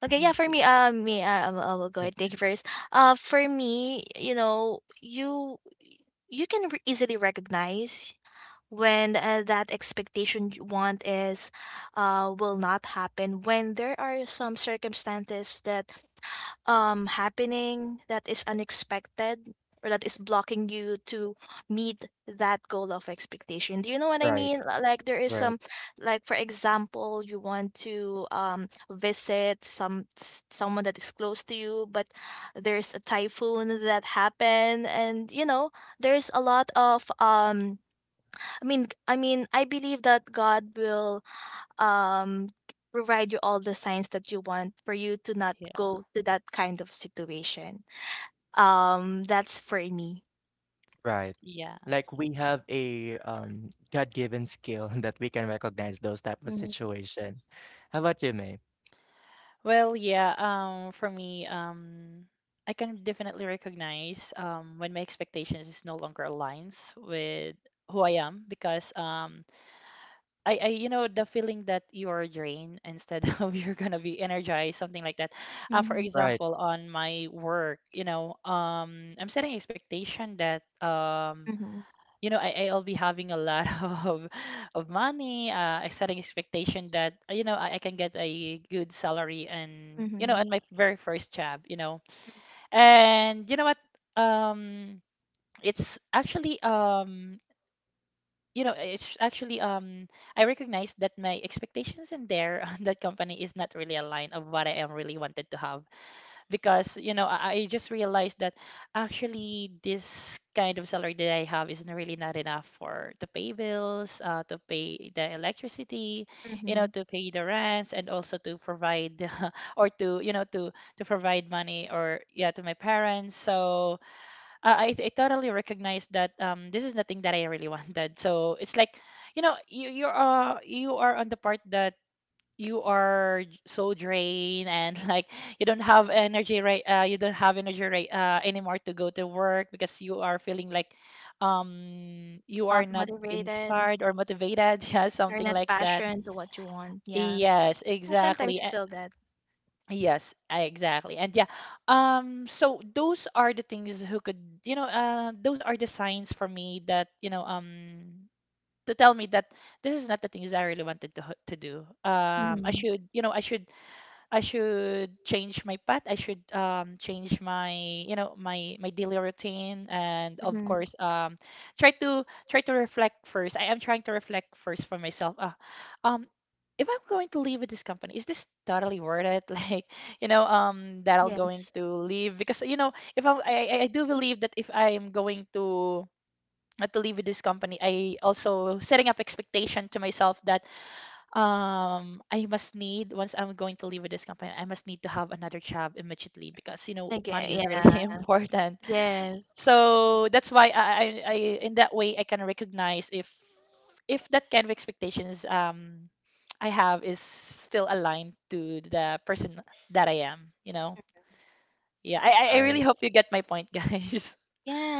Speaker 3: Okay, yeah,
Speaker 1: Me
Speaker 3: for
Speaker 1: too.
Speaker 3: me, I will go ahead. Thank you first. For me, you know, you can easily recognize when that expectation you want is will not happen, when there are some circumstances that happening that is unexpected, or that is blocking you to meet that goal of expectation. Do you know what I
Speaker 2: Right,
Speaker 3: mean? Like there is some,
Speaker 2: right,
Speaker 3: like, for example, you want to visit someone that is close to you, but there's a typhoon that happened, and you know there's a lot of um, I believe that God will um provide you all the signs that you want for you to not
Speaker 1: Yeah.
Speaker 3: go to that kind of situation. Um, that's for me.
Speaker 2: right.
Speaker 1: Yeah.
Speaker 2: Like we have a God-given skill that we can recognize those type of
Speaker 3: Mm-hmm.
Speaker 2: situation. How about you, May?
Speaker 1: Well, yeah, for me, I can definitely recognize when my expectations is no longer aligns with who I am because you know, the feeling that you are drained instead of you're gonna be energized, something like that. For
Speaker 3: Mm-hmm.
Speaker 2: Right,
Speaker 1: example, on my work, you know, I'm setting expectation that, you know, I'll be having a lot of of money. I'm setting expectation that, I can get a good salary and, on
Speaker 3: Mm-hmm.
Speaker 1: my very first job, and um, it's actually it's actually I recognize that my expectations in there on that company is not really aligned of what I am really wanted to have because I just realized that actually this kind of salary that I have is not really not enough for to pay bills, to pay the electricity,
Speaker 3: Mm-hmm.
Speaker 1: to pay the rents and also to provide or to provide money or yeah to my parents. So I totally recognize that this is the thing that I really wanted. So it's like, you are on the part that you are so drained and like you don't have energy right anymore to go to work because you are feeling like you are
Speaker 3: Not
Speaker 1: not
Speaker 3: motivated
Speaker 1: inspired or motivated yeah,
Speaker 3: or
Speaker 1: something
Speaker 3: not
Speaker 1: like that.
Speaker 3: passionate to what you want. Yeah.
Speaker 1: Yes,
Speaker 3: Yeah,
Speaker 1: exactly.
Speaker 3: sometimes we feel that.
Speaker 1: Yes, exactly. And yeah, so those are the things who could, those are the signs for me that, to tell me that this is not the things I really wanted to, to do.
Speaker 3: Mm-hmm.
Speaker 1: I should change my path. I should, change my, you know, my daily routine. And of
Speaker 3: Mm-hmm.
Speaker 1: course, try to reflect first. I am trying to reflect first for myself. Um, if I'm going to leave with this company, is this totally worth it? Like, that I'm going
Speaker 3: Yes.
Speaker 1: to leave because if I'm, I do believe that if I am going to leave with this company, I also setting up expectation to myself that I must need once I'm going to leave with this company, I must need to have another job immediately because money
Speaker 3: Okay.
Speaker 1: is really
Speaker 3: Yeah. Yeah.
Speaker 1: important.
Speaker 3: Yes.
Speaker 2: agree.
Speaker 1: So that's why I in that way I can recognize if that kind of expectations I have is still aligned to the person that I am. Yeah, I really
Speaker 2: Right,
Speaker 1: hope you get my point, guys.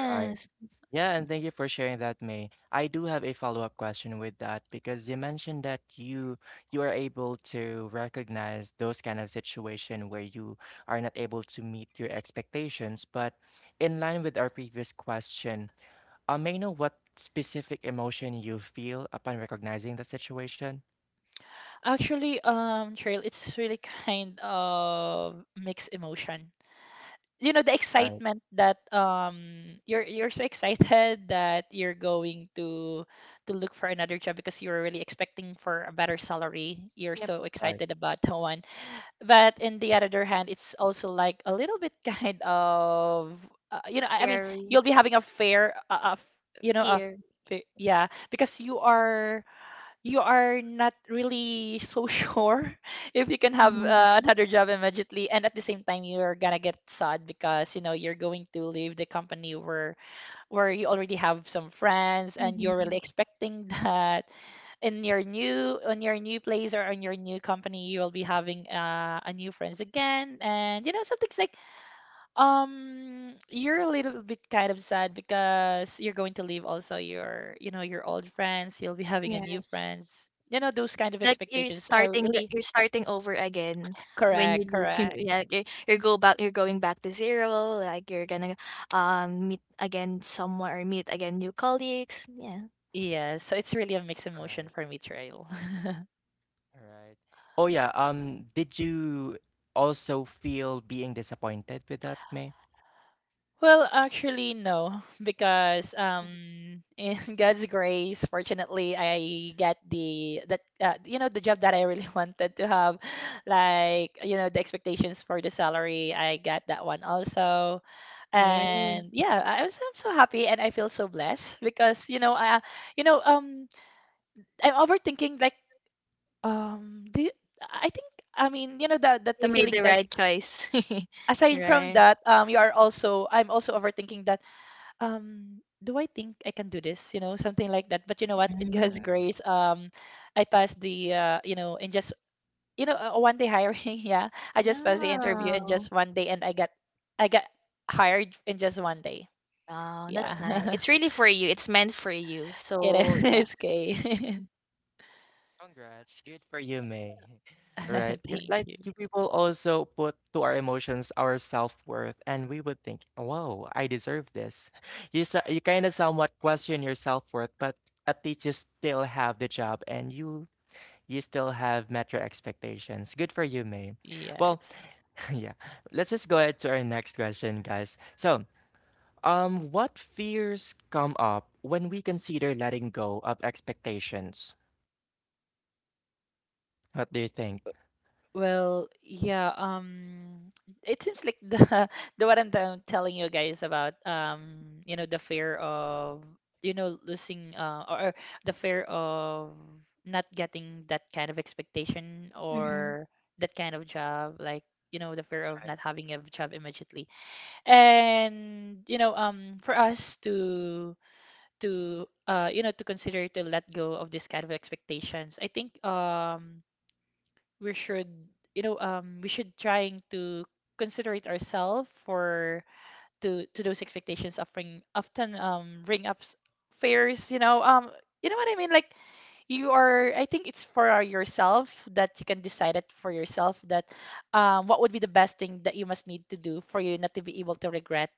Speaker 2: right. Yeah, and thank you for sharing that, May. I do have a follow-up question with that, because you mentioned that you are able to recognize those kind of situation where you are not able to meet your expectations. But in line with our previous question, may I know what specific emotion you feel upon recognizing the situation?
Speaker 1: Actually, Trail, it's really kind of mixed emotion. You know, the
Speaker 2: Right,
Speaker 1: excitement that you're so excited that you're going to look for another job because you're really expecting for a better salary. You're
Speaker 3: Yep.
Speaker 1: so
Speaker 2: right,
Speaker 1: excited about that one. But in the other hand, it's also like a little bit kind of I mean
Speaker 3: Scary.
Speaker 1: you'll be having a fair a
Speaker 3: Here.
Speaker 1: fair, yeah, because you are not really so sure if you can have
Speaker 3: Mhm,
Speaker 1: another job immediately. And at the same time, you're gonna get sad because you're going to leave the company where you already have some friends, and you're
Speaker 3: mhm.
Speaker 1: really expecting that in your new on your new place or on your new company you will be having a new friends again. And something's like, you're a little bit kind of sad because you're going to leave also your, your old friends. You'll be having a new
Speaker 3: Yes.
Speaker 1: friends. You know, those kind of
Speaker 3: Like you're
Speaker 1: expectations are
Speaker 3: starting the,
Speaker 1: really.
Speaker 3: you're starting over again when you
Speaker 1: Correct,
Speaker 3: leave.
Speaker 1: correct.
Speaker 3: Yeah, you go back, you're going back to zero. Like you're gonna meet again somewhere, or meet again new colleagues. Yeah.
Speaker 1: Yeah, so it's really a mixed emotion
Speaker 2: right,
Speaker 1: for me, Trail.
Speaker 2: right. Oh yeah, did you also feel being disappointed with that, May?
Speaker 1: Well, actually, no, because in God's grace, fortunately, I got the that the job that I really wanted to have, like the expectations for the salary. I got that one also.
Speaker 3: Yeah.
Speaker 1: And yeah, I'm so happy and I feel so blessed because I you know um I'm overthinking, like do I think I mean that
Speaker 3: You
Speaker 1: the
Speaker 3: made
Speaker 1: feeling
Speaker 3: the
Speaker 1: like
Speaker 3: right choice.
Speaker 1: aside from
Speaker 3: Right.
Speaker 1: that you are also I'm also overthinking that do I think I can do this? You know, something like that. But you know what? In God's
Speaker 3: Mm.
Speaker 2: Right,
Speaker 1: grace, I passed the in just a one day hiring. Yeah, I just passed the interview in
Speaker 3: Yeah.
Speaker 1: just one day, and I got hired in just one day.
Speaker 3: Wow, that's
Speaker 1: Yeah,
Speaker 2: right.
Speaker 3: nice. It's really for you. It's meant for you.
Speaker 1: it
Speaker 3: So yeah.
Speaker 1: is okay.
Speaker 2: Congrats. Good for you, May. Right.
Speaker 1: Thank
Speaker 2: Like
Speaker 1: you.
Speaker 2: you people also put to our emotions our self-worth, and we would think, "Whoa, I deserve this." You you kind of somewhat question your self-worth, but at least you still have the job, and you still have met your expectations. Good for you, May. Well,
Speaker 1: Yes.
Speaker 2: yeah. Let's just go ahead to our next question, guys. So, what fears come up when we consider letting go of expectations? What do you think?
Speaker 1: Well, yeah, it seems like the the what I telling you guys about the fear of losing or the fear of not getting that kind of expectation
Speaker 3: Mhm,
Speaker 1: or that kind of job, like the fear of not
Speaker 2: Right.
Speaker 1: having a job immediately. And for us to you know to consider to let go of this kind of expectations. I think we should we should trying to consider it ourselves for to those expectations of bring often ring ups fares, you know what I mean like you are, I think it's for yourself that you can decide it for yourself that what would be the best thing that you must need to do for you not to be able to regret,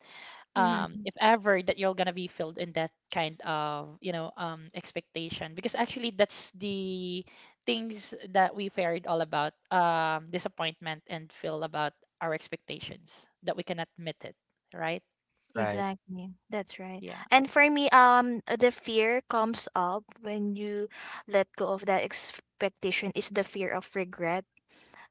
Speaker 3: mhm.
Speaker 1: if ever that you're gonna be filled in that kind of expectation, because actually that's the things that we feared all about, disappointment and feel about our expectations that we can admit it, right?
Speaker 2: Right.
Speaker 3: Exactly. That's right.
Speaker 1: yeah.
Speaker 3: And for me, the fear comes up when you let go of that expectation is the fear of regret.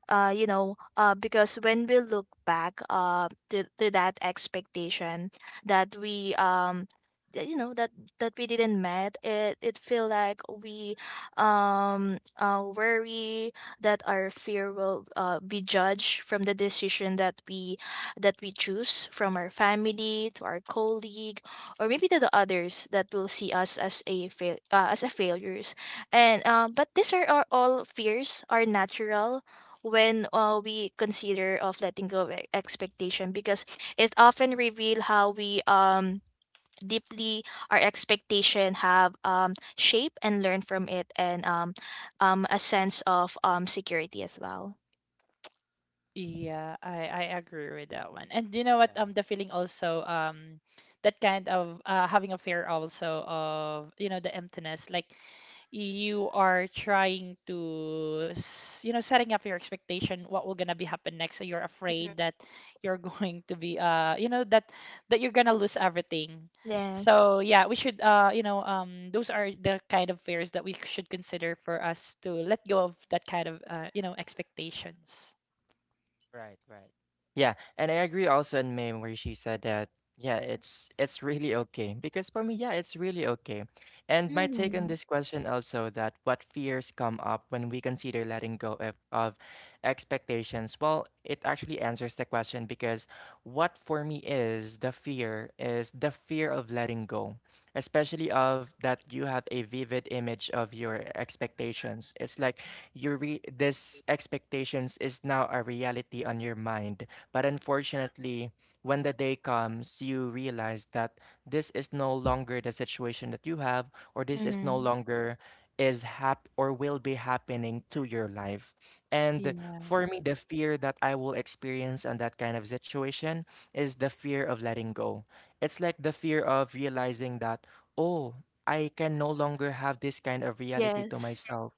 Speaker 3: Because when we look back to that expectation that we, that, you know, that, that we didn't met, it feel like we worry that our fear will be judged from the decision that we choose from our family to our colleague, or maybe to the others that will see us as a fail, as a failures. And but these are all fears are natural when we consider of letting go of expectation, because it often reveal how we deeply our expectation have shape and learn from it, and a sense of security as well.
Speaker 1: Yeah, I agree with that one. And you know what?
Speaker 2: Yeah,
Speaker 1: The feeling also, that kind of having a fear also of the emptiness, like you are trying to setting up your expectation what will gonna be happen next. So you're afraid
Speaker 3: Mhm.
Speaker 1: that you're going to be that you're gonna lose everything.
Speaker 3: Yes.
Speaker 1: So yeah, we should those are the kind of fears that we should consider for us to let go of that kind of expectations.
Speaker 2: right, right. Yeah, and I agree also in Mame where she said that yeah, it's really okay, because for me, yeah, it's really okay. And my take on
Speaker 3: Mm-hmm.
Speaker 2: this question also, that what fears come up when we consider letting go of expectations. Well, it actually answers the question, because what for me is the fear of letting go, especially of that you have a vivid image of your expectations. It's like you re this expectations is now a reality on your mind. But unfortunately, when the day comes, you realize that this is no longer the situation that you have, or this is no
Speaker 3: Mm-hmm.
Speaker 2: longer is hap or will be happening to your life. And
Speaker 1: Yeah,
Speaker 2: for me, the fear that I will experience on that kind of situation is the fear of letting go. It's like the fear of realizing that, oh, I can no longer have this kind of reality to
Speaker 3: Yes.
Speaker 2: myself.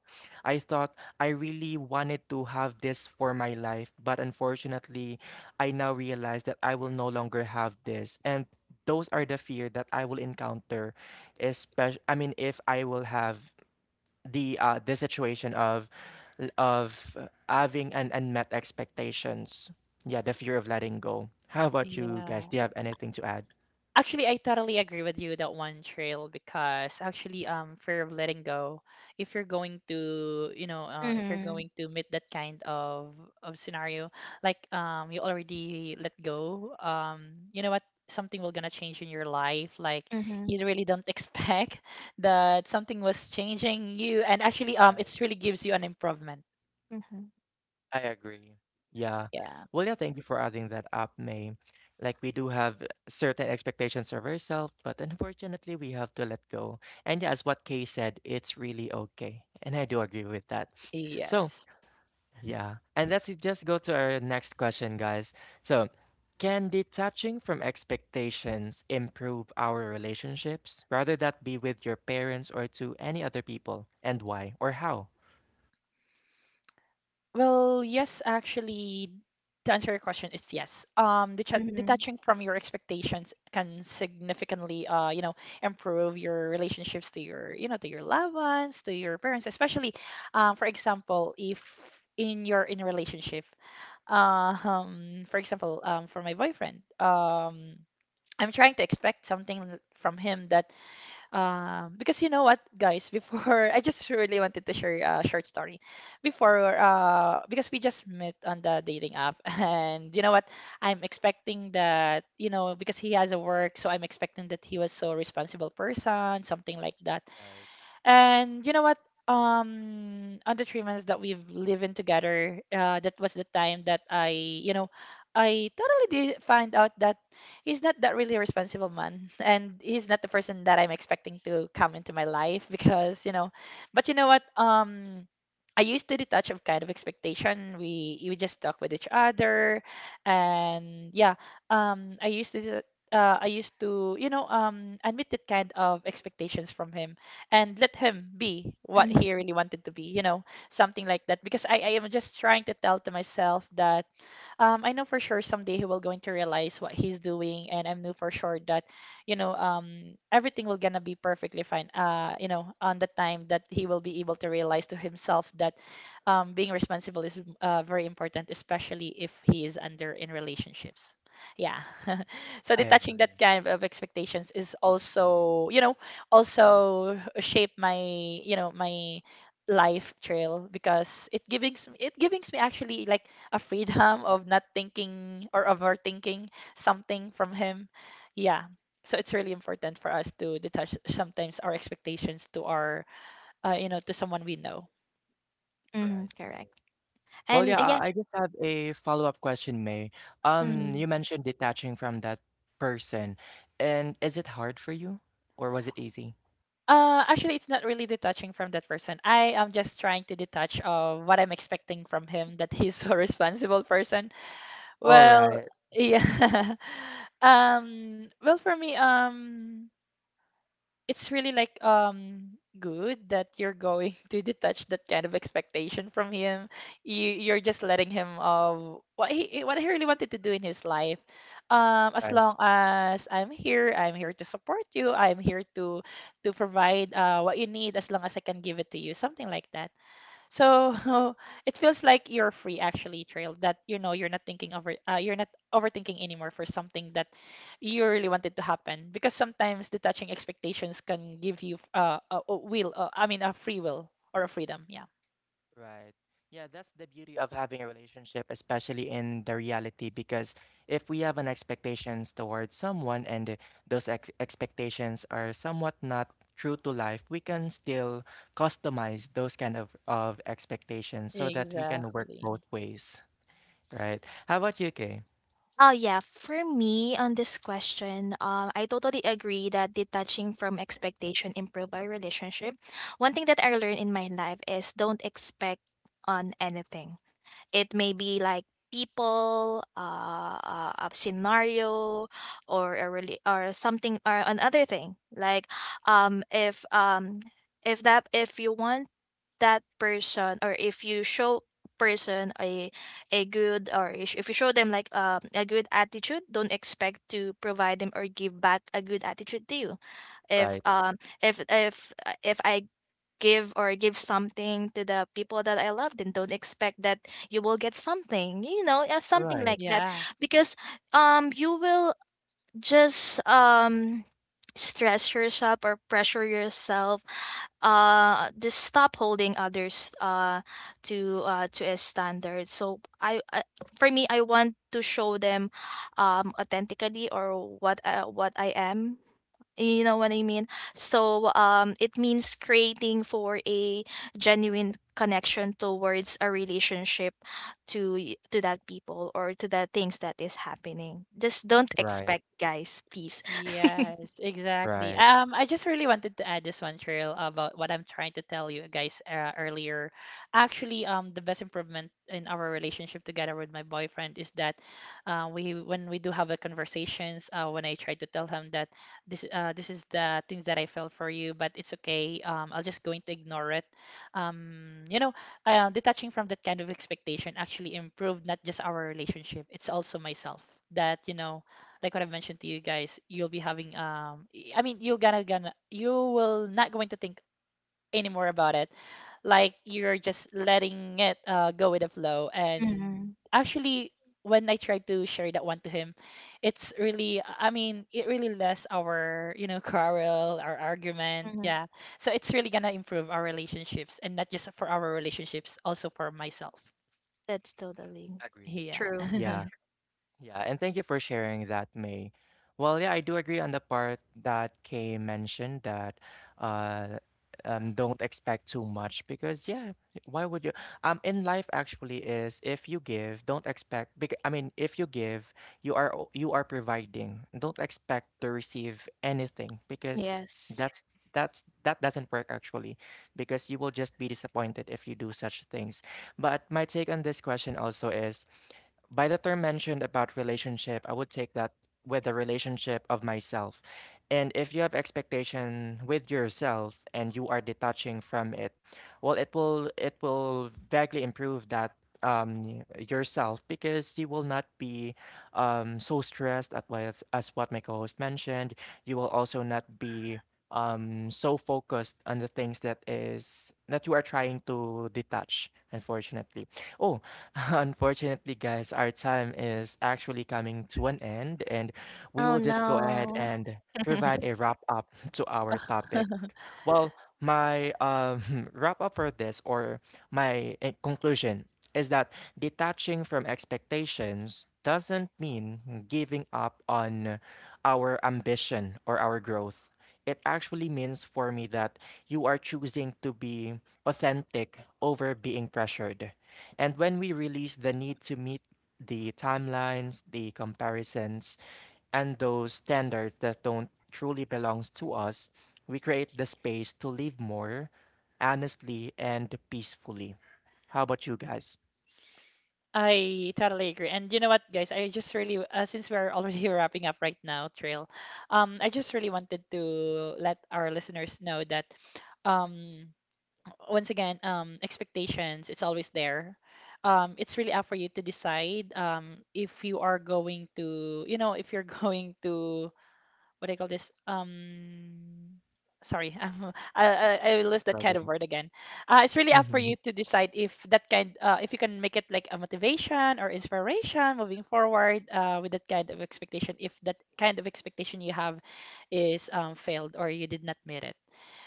Speaker 2: I thought I really wanted to have this for my life, but unfortunately, I now realize that I will no longer have this. And those are the fear that I will encounter, especially I mean if I will have the situation of having an unmet expectations. Yeah, the fear of letting go. How about you guys?
Speaker 1: yeah.
Speaker 2: Do you have anything to add?
Speaker 1: Actually, I totally agree with you that one, Trail, because actually, fear of letting go. If you're going to, you know, If you're
Speaker 3: Mm-hmm.
Speaker 1: going to meet that kind of scenario, like, you already let go. You know what? Something will gonna change in your life. Like
Speaker 3: Mm-hmm.
Speaker 1: you really don't expect that something was changing you, and actually,
Speaker 2: Right.
Speaker 1: it's really gives you an improvement.
Speaker 3: Mm-hmm.
Speaker 2: I agree. Yeah.
Speaker 1: Yeah.
Speaker 2: Well, yeah, thank you for adding that up, May. Like, we do have certain expectations of ourselves, but unfortunately, we have to let go. And yeah, as what Kay said, it's really okay. And I do agree with that. So,
Speaker 1: Yes.
Speaker 2: yeah. And let's just go to our next question, guys. So, can detaching from expectations improve our relationships, rather that be with your parents or to any other people, and why or how?
Speaker 1: Well, yes, actually, to answer your question, it's yes. Detach detaching from your expectations can significantly, improve your relationships to your, to your loved ones, to your parents, especially, for example, if in a relationship, for example, for my boyfriend, I'm trying to expect something from him that, because you know what, guys, before I just really wanted to share a short story. Before, because we just met on the dating app, and you know what, I'm expecting that, because he has a work, so I'm expecting that he was so responsible person, something like that.
Speaker 2: Right.
Speaker 1: And you know what? On the 3 months that we've lived in together, that was the time that I totally did find out that he's not that really a responsible man, and he's not the person that I'm expecting to come into my life because, but you know what? I used to detach of kind of expectation. We just talk with each other. And yeah, I used to. I used to, admit that kind of expectations from him, and let him be what he
Speaker 3: Mm-hmm.
Speaker 1: really wanted to be, you know, something like that. Because I am just trying to tell to myself that, I know for sure someday he will going to realize what he's doing, and I know for sure that, everything will gonna be perfectly fine. On the time that he will be able to realize to himself that, being responsible is very important, especially if he is under in relationships. Yeah. So
Speaker 2: I
Speaker 1: detaching
Speaker 2: agree.
Speaker 1: that kind of expectations is also, also shape my, my life trail because it gives me actually like a freedom of not thinking or overthinking something from him. Yeah. So it's really important for us to detach sometimes our expectations to our, to someone we know.
Speaker 3: Mm-hmm.
Speaker 2: Right, May.
Speaker 3: Correct.
Speaker 2: Well,
Speaker 3: And
Speaker 2: yeah,
Speaker 3: yeah.
Speaker 2: I I just have a follow-up question, May. You
Speaker 3: Mm-hmm.
Speaker 2: mentioned detaching from that person, and is it hard for you, or was it easy?
Speaker 1: Actually, it's not really detaching from that person. I am just trying to detach of what I'm expecting from him that he's a responsible person.
Speaker 2: All
Speaker 1: Well,
Speaker 2: right,
Speaker 1: yeah. Well, for me, it's really like good that you're going to detach that kind of expectation from him. You're just letting him of what what he really wanted to do in his life. As
Speaker 2: right.
Speaker 1: long as I'm here to support you. I'm here to provide what you need as long as I can give it to you, something like that. So it feels like you're free actually, Trail, that you're not overthinking anymore for something that you really wanted to happen, because sometimes detaching expectations can give you a will, I mean a free will or a freedom. Yeah.
Speaker 2: Right. Yeah, that's the beauty of having a relationship, especially in the reality, because if we have an expectations towards someone and those ex expectations are somewhat not true to life, we can still customize those kind of expectations so that we can work
Speaker 1: Exactly.
Speaker 2: both ways, right? How about you, Kay?
Speaker 3: Oh yeah, for me on this question, I totally agree that detaching from expectation improve our relationship. One thing that I learned in my life is don't expect on anything. It may be like people, a scenario, or a really, or something, or another thing. Like, um, if um, if that, if you want that person, or if you show person a good, or if you show them like a good attitude, don't expect to provide them or give back a good attitude to you. If
Speaker 2: Right,
Speaker 3: if I give or give something to the people that I love, then don't expect that you will get something, you know, something
Speaker 2: right,
Speaker 3: like that.
Speaker 1: Yeah.
Speaker 3: Because you will just stress yourself or pressure yourself. Just stop holding others to a standard. So I for me, I want to show them authentically, or what I am, you know what I mean? So it means creating for a genuine connection towards a relationship to to that people or to the things that is happening. Just don't
Speaker 2: right,
Speaker 3: expect, guys, please.
Speaker 1: Yes, exactly.
Speaker 2: right.
Speaker 1: I just really wanted to add this one, Cheryl, about what I'm trying to tell you guys earlier. Actually, the best improvement in our relationship together with my boyfriend is that, we when we do have a conversations, when I try to tell him that this is the things that I felt for you, but it's okay. I'll just going to ignore it. Um, you know, Detaching from that kind of expectation actually improved not just our relationship, it's also myself. That, like what I've mentioned to you guys, you'll be having I mean, you're gonna gonna you will not going to think anymore about it. Like you're just letting it go with the flow. And
Speaker 3: Mhm,
Speaker 1: actually, when I tried to share that one to him, it's really I mean, it really less our, quarrel, our argument.
Speaker 3: mhm.
Speaker 1: Yeah. So it's really gonna improve our relationships, and not just for our relationships, also for myself.
Speaker 3: That's totally
Speaker 2: Agreed.
Speaker 1: Yeah.
Speaker 3: true.
Speaker 2: Yeah. Yeah, and thank you for sharing that, May. Well, yeah, I do agree on the part that Kay mentioned that uh, don't expect too much because yeah, why would you? In life actually is if you give, don't expect. Because I mean, if you give, you are you are providing. Don't expect to receive anything because
Speaker 3: Yes.
Speaker 2: that's that doesn't work actually because you will just be disappointed if you do such things. But my take on this question also is by the term mentioned about relationship, I would take that with the relationship of myself. And if you have expectation with yourself and you are detaching from it, well, it will vaguely improve that yourself because you will not be so stressed at what my co-host mentioned. You will also not be so focused on the things that you are trying to detach unfortunately. Oh, unfortunately guys, our time is actually coming to an end and we
Speaker 3: Oh,
Speaker 2: will just go ahead
Speaker 3: no.
Speaker 2: and provide a wrap up to our topic. Well, my wrap up for this or my conclusion is that detaching from expectations doesn't mean giving up on our ambition or our growth. It actually means for me that you are choosing to be authentic over being pressured. And when we release the need to meet the timelines, the comparisons, and those standards that don't truly belongs to us, we create the space to live more honestly and peacefully. How about you guys?
Speaker 1: I totally agree. And you know what, guys? I just really, since we're already wrapping up right now, Trail, I just really wanted to let our listeners know that, um once again, expectations, it's always there. It's really up for you to decide, if you are going to, if you're going to, what do you call this? Sorry, I
Speaker 2: No
Speaker 1: list that kind of
Speaker 2: problem.
Speaker 1: word again. It's really up for
Speaker 2: Mhm.
Speaker 1: you to decide if if you can make it like a motivation or inspiration moving forward with that kind of expectation. If that kind of expectation you have is, failed or you did not meet it.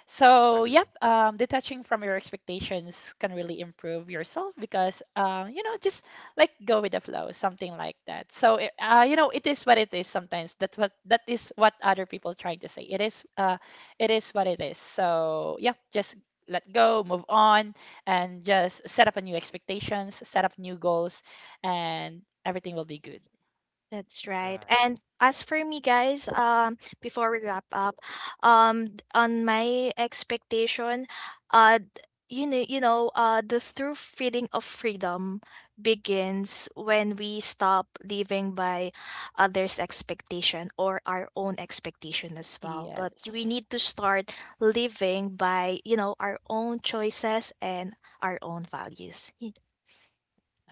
Speaker 1: So, yep,
Speaker 2: Agree.
Speaker 1: detaching from your expectations can really improve yourself because, just like go with the flow, something like that. So, it
Speaker 2: Right.
Speaker 1: is what it is. Sometimes that is what other people trying to say. It is what it is. So, yeah, just let go, move on, and just set up a new expectations, set up new goals, and everything will be good.
Speaker 3: That's right.
Speaker 2: Right.
Speaker 3: And as for me, guys, before we wrap up, on my expectation, uh, d- you know, the true feeling of freedom begins when we stop living by others' expectation, or our own expectation as well. But we
Speaker 1: Yes,
Speaker 3: need to start living by, you know, our own choices and our own values.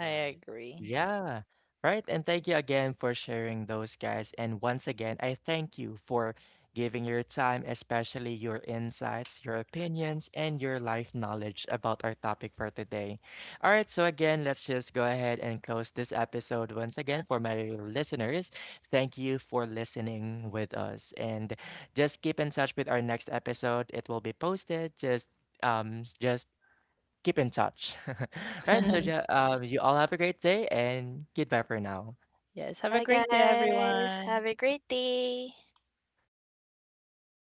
Speaker 1: I agree.
Speaker 2: Yeah, right. And thank you again for sharing those, guys. And once again, I thank you for giving your time, especially your insights, your opinions, and your life knowledge about our topic for today. All right, so again, let's just go ahead and close this episode once again for my listeners. Thank you for listening with us. And just keep in touch with our next episode. It will be posted just just keep in touch. Right, so yeah, you all have a great day and goodbye for now.
Speaker 1: Yes, have a
Speaker 3: Bye,
Speaker 1: great day,
Speaker 3: guys. Have
Speaker 1: everyone.
Speaker 3: a great day.